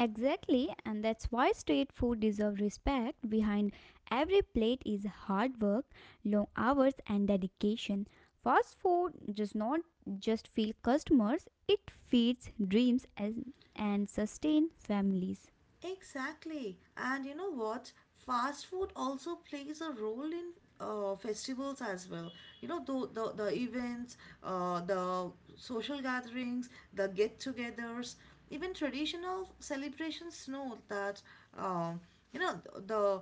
Speaker 2: Exactly, and that's why street food deserves respect. Behind every plate is hard work, long hours, and dedication. Fast food does not just feed customers, it feeds dreams and sustains families.
Speaker 1: Exactly. And you know what? Fast food also plays a role in, festivals as well. You know, the events, the social gatherings, the get togethers, even traditional celebrations, know that, um, you know, the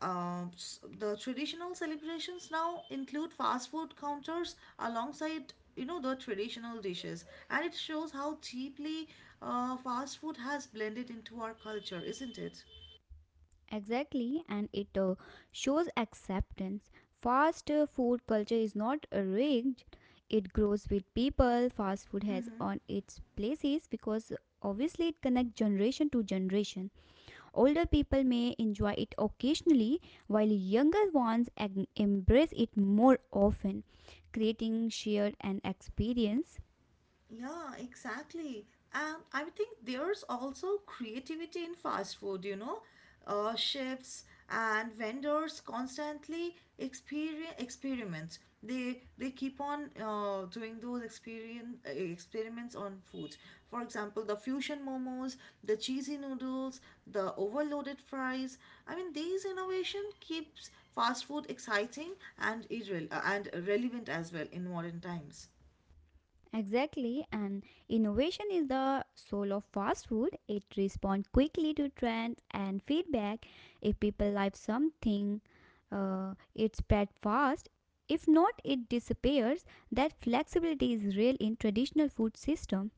Speaker 1: The traditional celebrations now include fast food counters alongside, the traditional dishes, and it shows how deeply, fast food has blended into our culture, isn't it?
Speaker 2: Exactly, and it shows acceptance. Fast food culture is not rigged, it grows with people. Fast food has on its places because obviously it connects generation to generation. Older people may enjoy it occasionally, while younger ones embrace it more often, creating shared an experience.
Speaker 1: Yeah, exactly. And I think there's also creativity in fast food. Chefs and vendors constantly experience experiments. They keep on, doing those experience experiments on foods. For example, the fusion momos, the cheesy noodles, the overloaded fries. I mean, these innovation keeps fast food exciting and relevant as well in modern times.
Speaker 2: Exactly, and innovation is the soul of fast food. It responds quickly to trends and feedback. If people like something, it spread fast. If not, it disappears. That flexibility is real in traditional food system.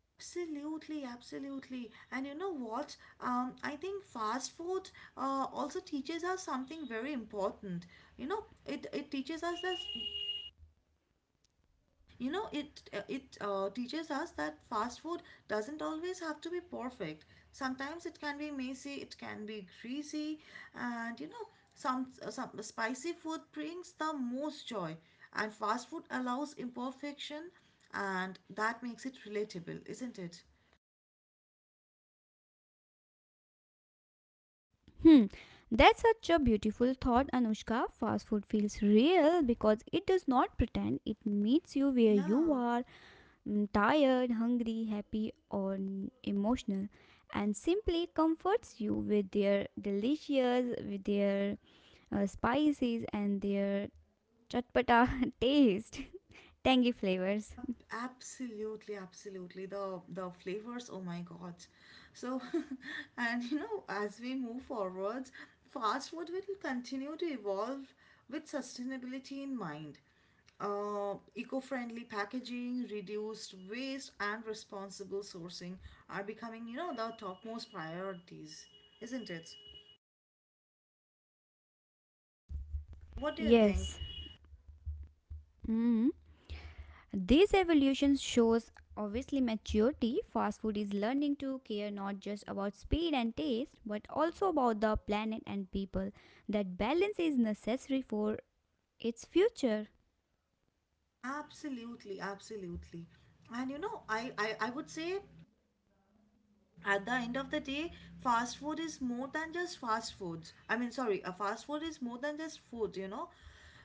Speaker 1: Absolutely, absolutely. And you know what? I think fast food, also teaches us something very important. You know, it teaches us that you know it it teaches us that fast food doesn't always have to be perfect. Sometimes it can be messy, it can be greasy, and, some spicy food brings the most joy. And fast food allows imperfection, and that makes it relatable, isn't it?
Speaker 2: Hmm, that's such a beautiful thought, Anushka. Fast food feels real because it does not pretend. It meets you where
Speaker 1: Yeah.
Speaker 2: you are, mm, tired, hungry, happy, or emotional, and simply comforts you with their delicious, with their spices and their chatpata taste, tangy flavors.
Speaker 1: Ab- absolutely, absolutely. The flavors, oh my God. So, and, as we move forward, fast food will continue to evolve with sustainability in mind. Eco-friendly packaging, reduced waste, and responsible sourcing are becoming, the topmost priorities, isn't it? What do you think?
Speaker 2: Yes. Mm. This evolution shows obviously maturity. Fast food is learning to care not just about speed and taste, but also about the planet and people. That balance is necessary for its future.
Speaker 1: Absolutely, absolutely. And, I would say, at the end of the day, fast food is more than just fast foods. I mean, sorry, a fast food is more than just food.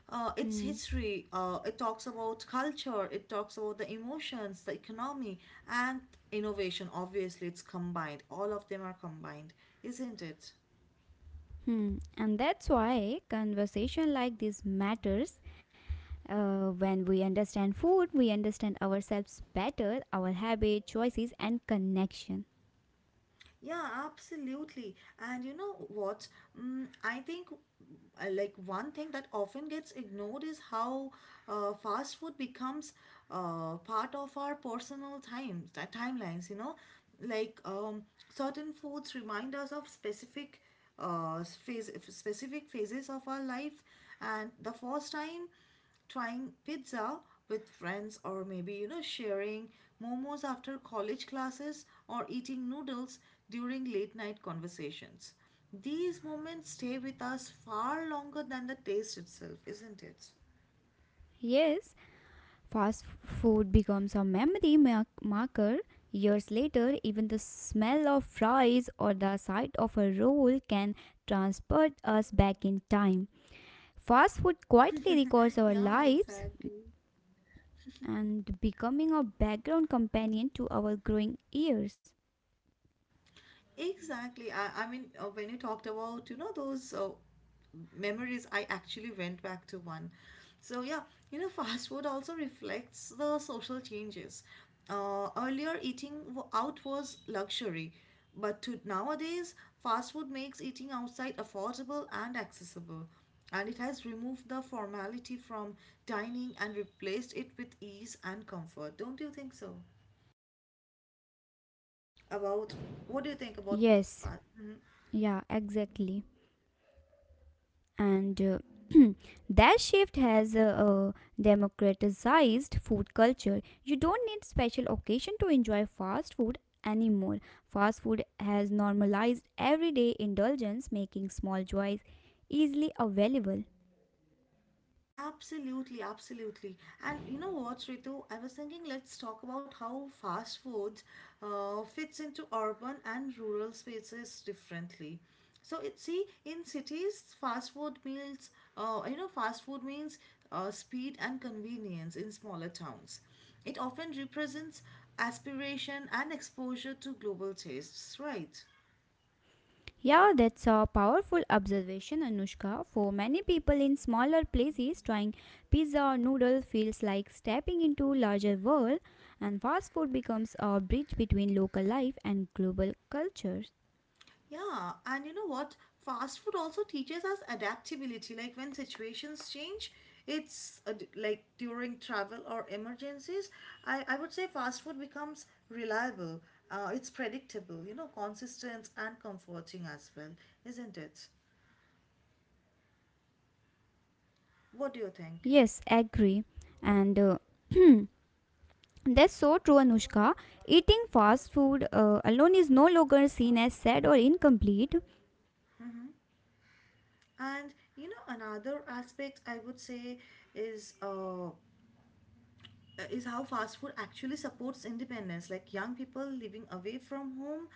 Speaker 1: It's
Speaker 2: Hmm.
Speaker 1: history. It talks about culture, it talks about the emotions, the economy, and innovation. Obviously, it's combined all of them are combined, isn't it?
Speaker 2: Hmm. And that's why conversation like this matters. When we understand food, we understand ourselves better, our habit, choices, and connection.
Speaker 1: Yeah, absolutely. And you know what? I think, like, one thing that often gets ignored is how, fast food becomes, part of our personal times, that timelines, you know? Like, certain foods remind us of specific phases of our life. And the first time trying pizza with friends, or maybe, sharing momos after college classes, or eating noodles during late night conversations, these moments stay with us far longer than the taste itself, isn't it?
Speaker 2: Yes, fast food becomes a marker. Years later, even the smell of fries or the sight of a roll can transport us back in time. Fast food quietly records our
Speaker 1: Yeah,
Speaker 2: lives
Speaker 1: exactly.
Speaker 2: and becoming a background companion to our growing years.
Speaker 1: Exactly. I mean, when you talked about, those, memories, I actually went back to one. So, yeah, fast food also reflects the social changes. Earlier, eating out was luxury, but to nowadays, fast food makes eating outside affordable and accessible. And it has removed the formality from dining and replaced it with ease and comfort. Don't you think so? About What do you think about
Speaker 2: Yes,
Speaker 1: fast? Mm-hmm.
Speaker 2: yeah, exactly. And that shift has democratized food culture. You don't need special occasion to enjoy fast food anymore. Fast food has normalized everyday indulgence, making small joys easily available.
Speaker 1: Absolutely, absolutely. And you know what, Ritu? I was thinking, let's talk about how fast food, fits into urban and rural spaces differently. So it see, in cities, fast food means, speed and convenience in smaller towns. It often represents aspiration and exposure to global tastes, right?
Speaker 2: Yeah, that's a powerful observation, Anushka. For many people in smaller places, trying pizza or noodle feels like stepping into larger world, and fast food becomes a bridge between local life and global cultures.
Speaker 1: Yeah, and you know what? Fast food also teaches us adaptability. Like when situations change, it's like during travel or emergencies, I would say fast food becomes reliable. It's predictable, consistent and comforting as well, isn't it? What do you think?
Speaker 2: Yes, agree. And that's so true, Anushka. Eating fast food alone is no longer seen as sad or incomplete.
Speaker 1: And, another aspect I would say is uh, is how fast food actually supports independence. Like, young people living away from home,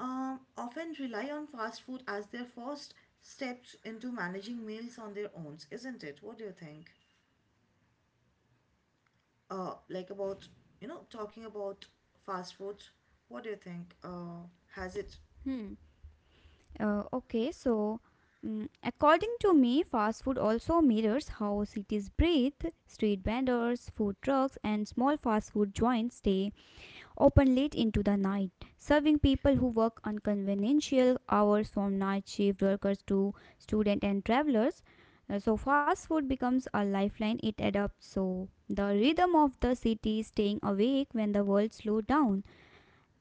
Speaker 1: often rely on fast food as their first steps into managing meals on their own, isn't it? What do you think? Like about, talking about fast food, what do you think? Has it?
Speaker 2: Hmm. Okay, so mm, according to me, fast food also mirrors how cities breathe. Street vendors, food trucks, and small fast food joints stay open late into the night, serving people who work unconventional hours, from night shift workers to students and travelers. So fast food becomes a lifeline. It adapts so the rhythm of the city, staying awake when the world slows down.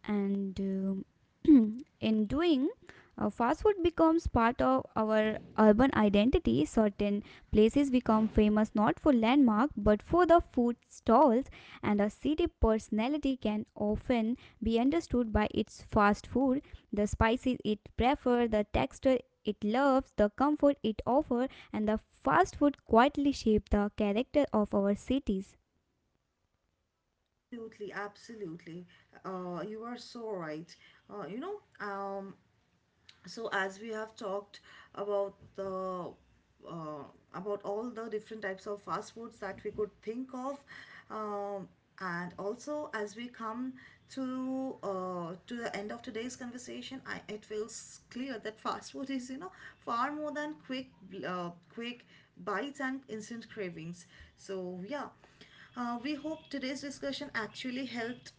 Speaker 2: And in doing, fast food becomes part of our urban identity. Certain places become famous not for landmark but for the food stalls, and a city personality can often be understood by its fast food, the spices it prefers, the texture it loves, the comfort it offers, and the fast food quietly shape the character of our cities.
Speaker 1: Absolutely, absolutely. You are so right. Uh, you know, um, so as we have talked about the uh, about all the different types of fast foods that we could think of, um, and also as we come to the end of today's conversation, it feels clear that fast food is, far more than quick bites and instant cravings. So, yeah, we hope today's discussion actually helped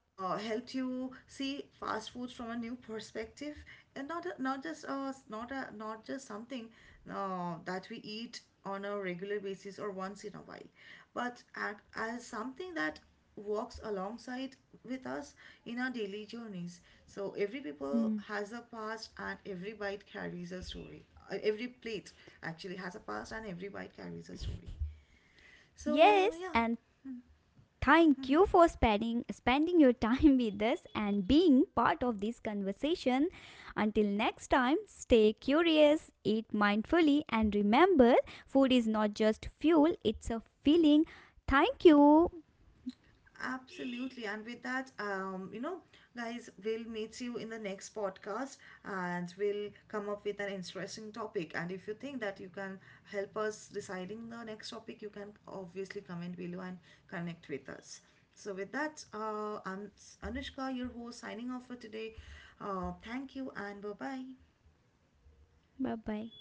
Speaker 1: uh, helped you see fast foods from a new perspective, and not just something, that we eat on a regular basis or once in a while, but as something that walks alongside with us in our daily journeys. So every people
Speaker 2: Hmm.
Speaker 1: has a past and every bite carries a story. Every plate actually has a past and every bite carries a story. So,
Speaker 2: Yes,
Speaker 1: yeah.
Speaker 2: and thank you for spending your time with us and being part of this conversation. Until next time, stay curious, eat mindfully and remember food is not just fuel, it's a feeling. Thank you.
Speaker 1: Absolutely. And with that, guys, we'll meet you in the next podcast, and we'll come up with an interesting topic. And if you think that you can help us deciding the next topic, you can obviously comment below and connect with us. So, with that, I'm Anushka, your host, signing off for today. Thank you, and bye bye.
Speaker 2: Bye-bye.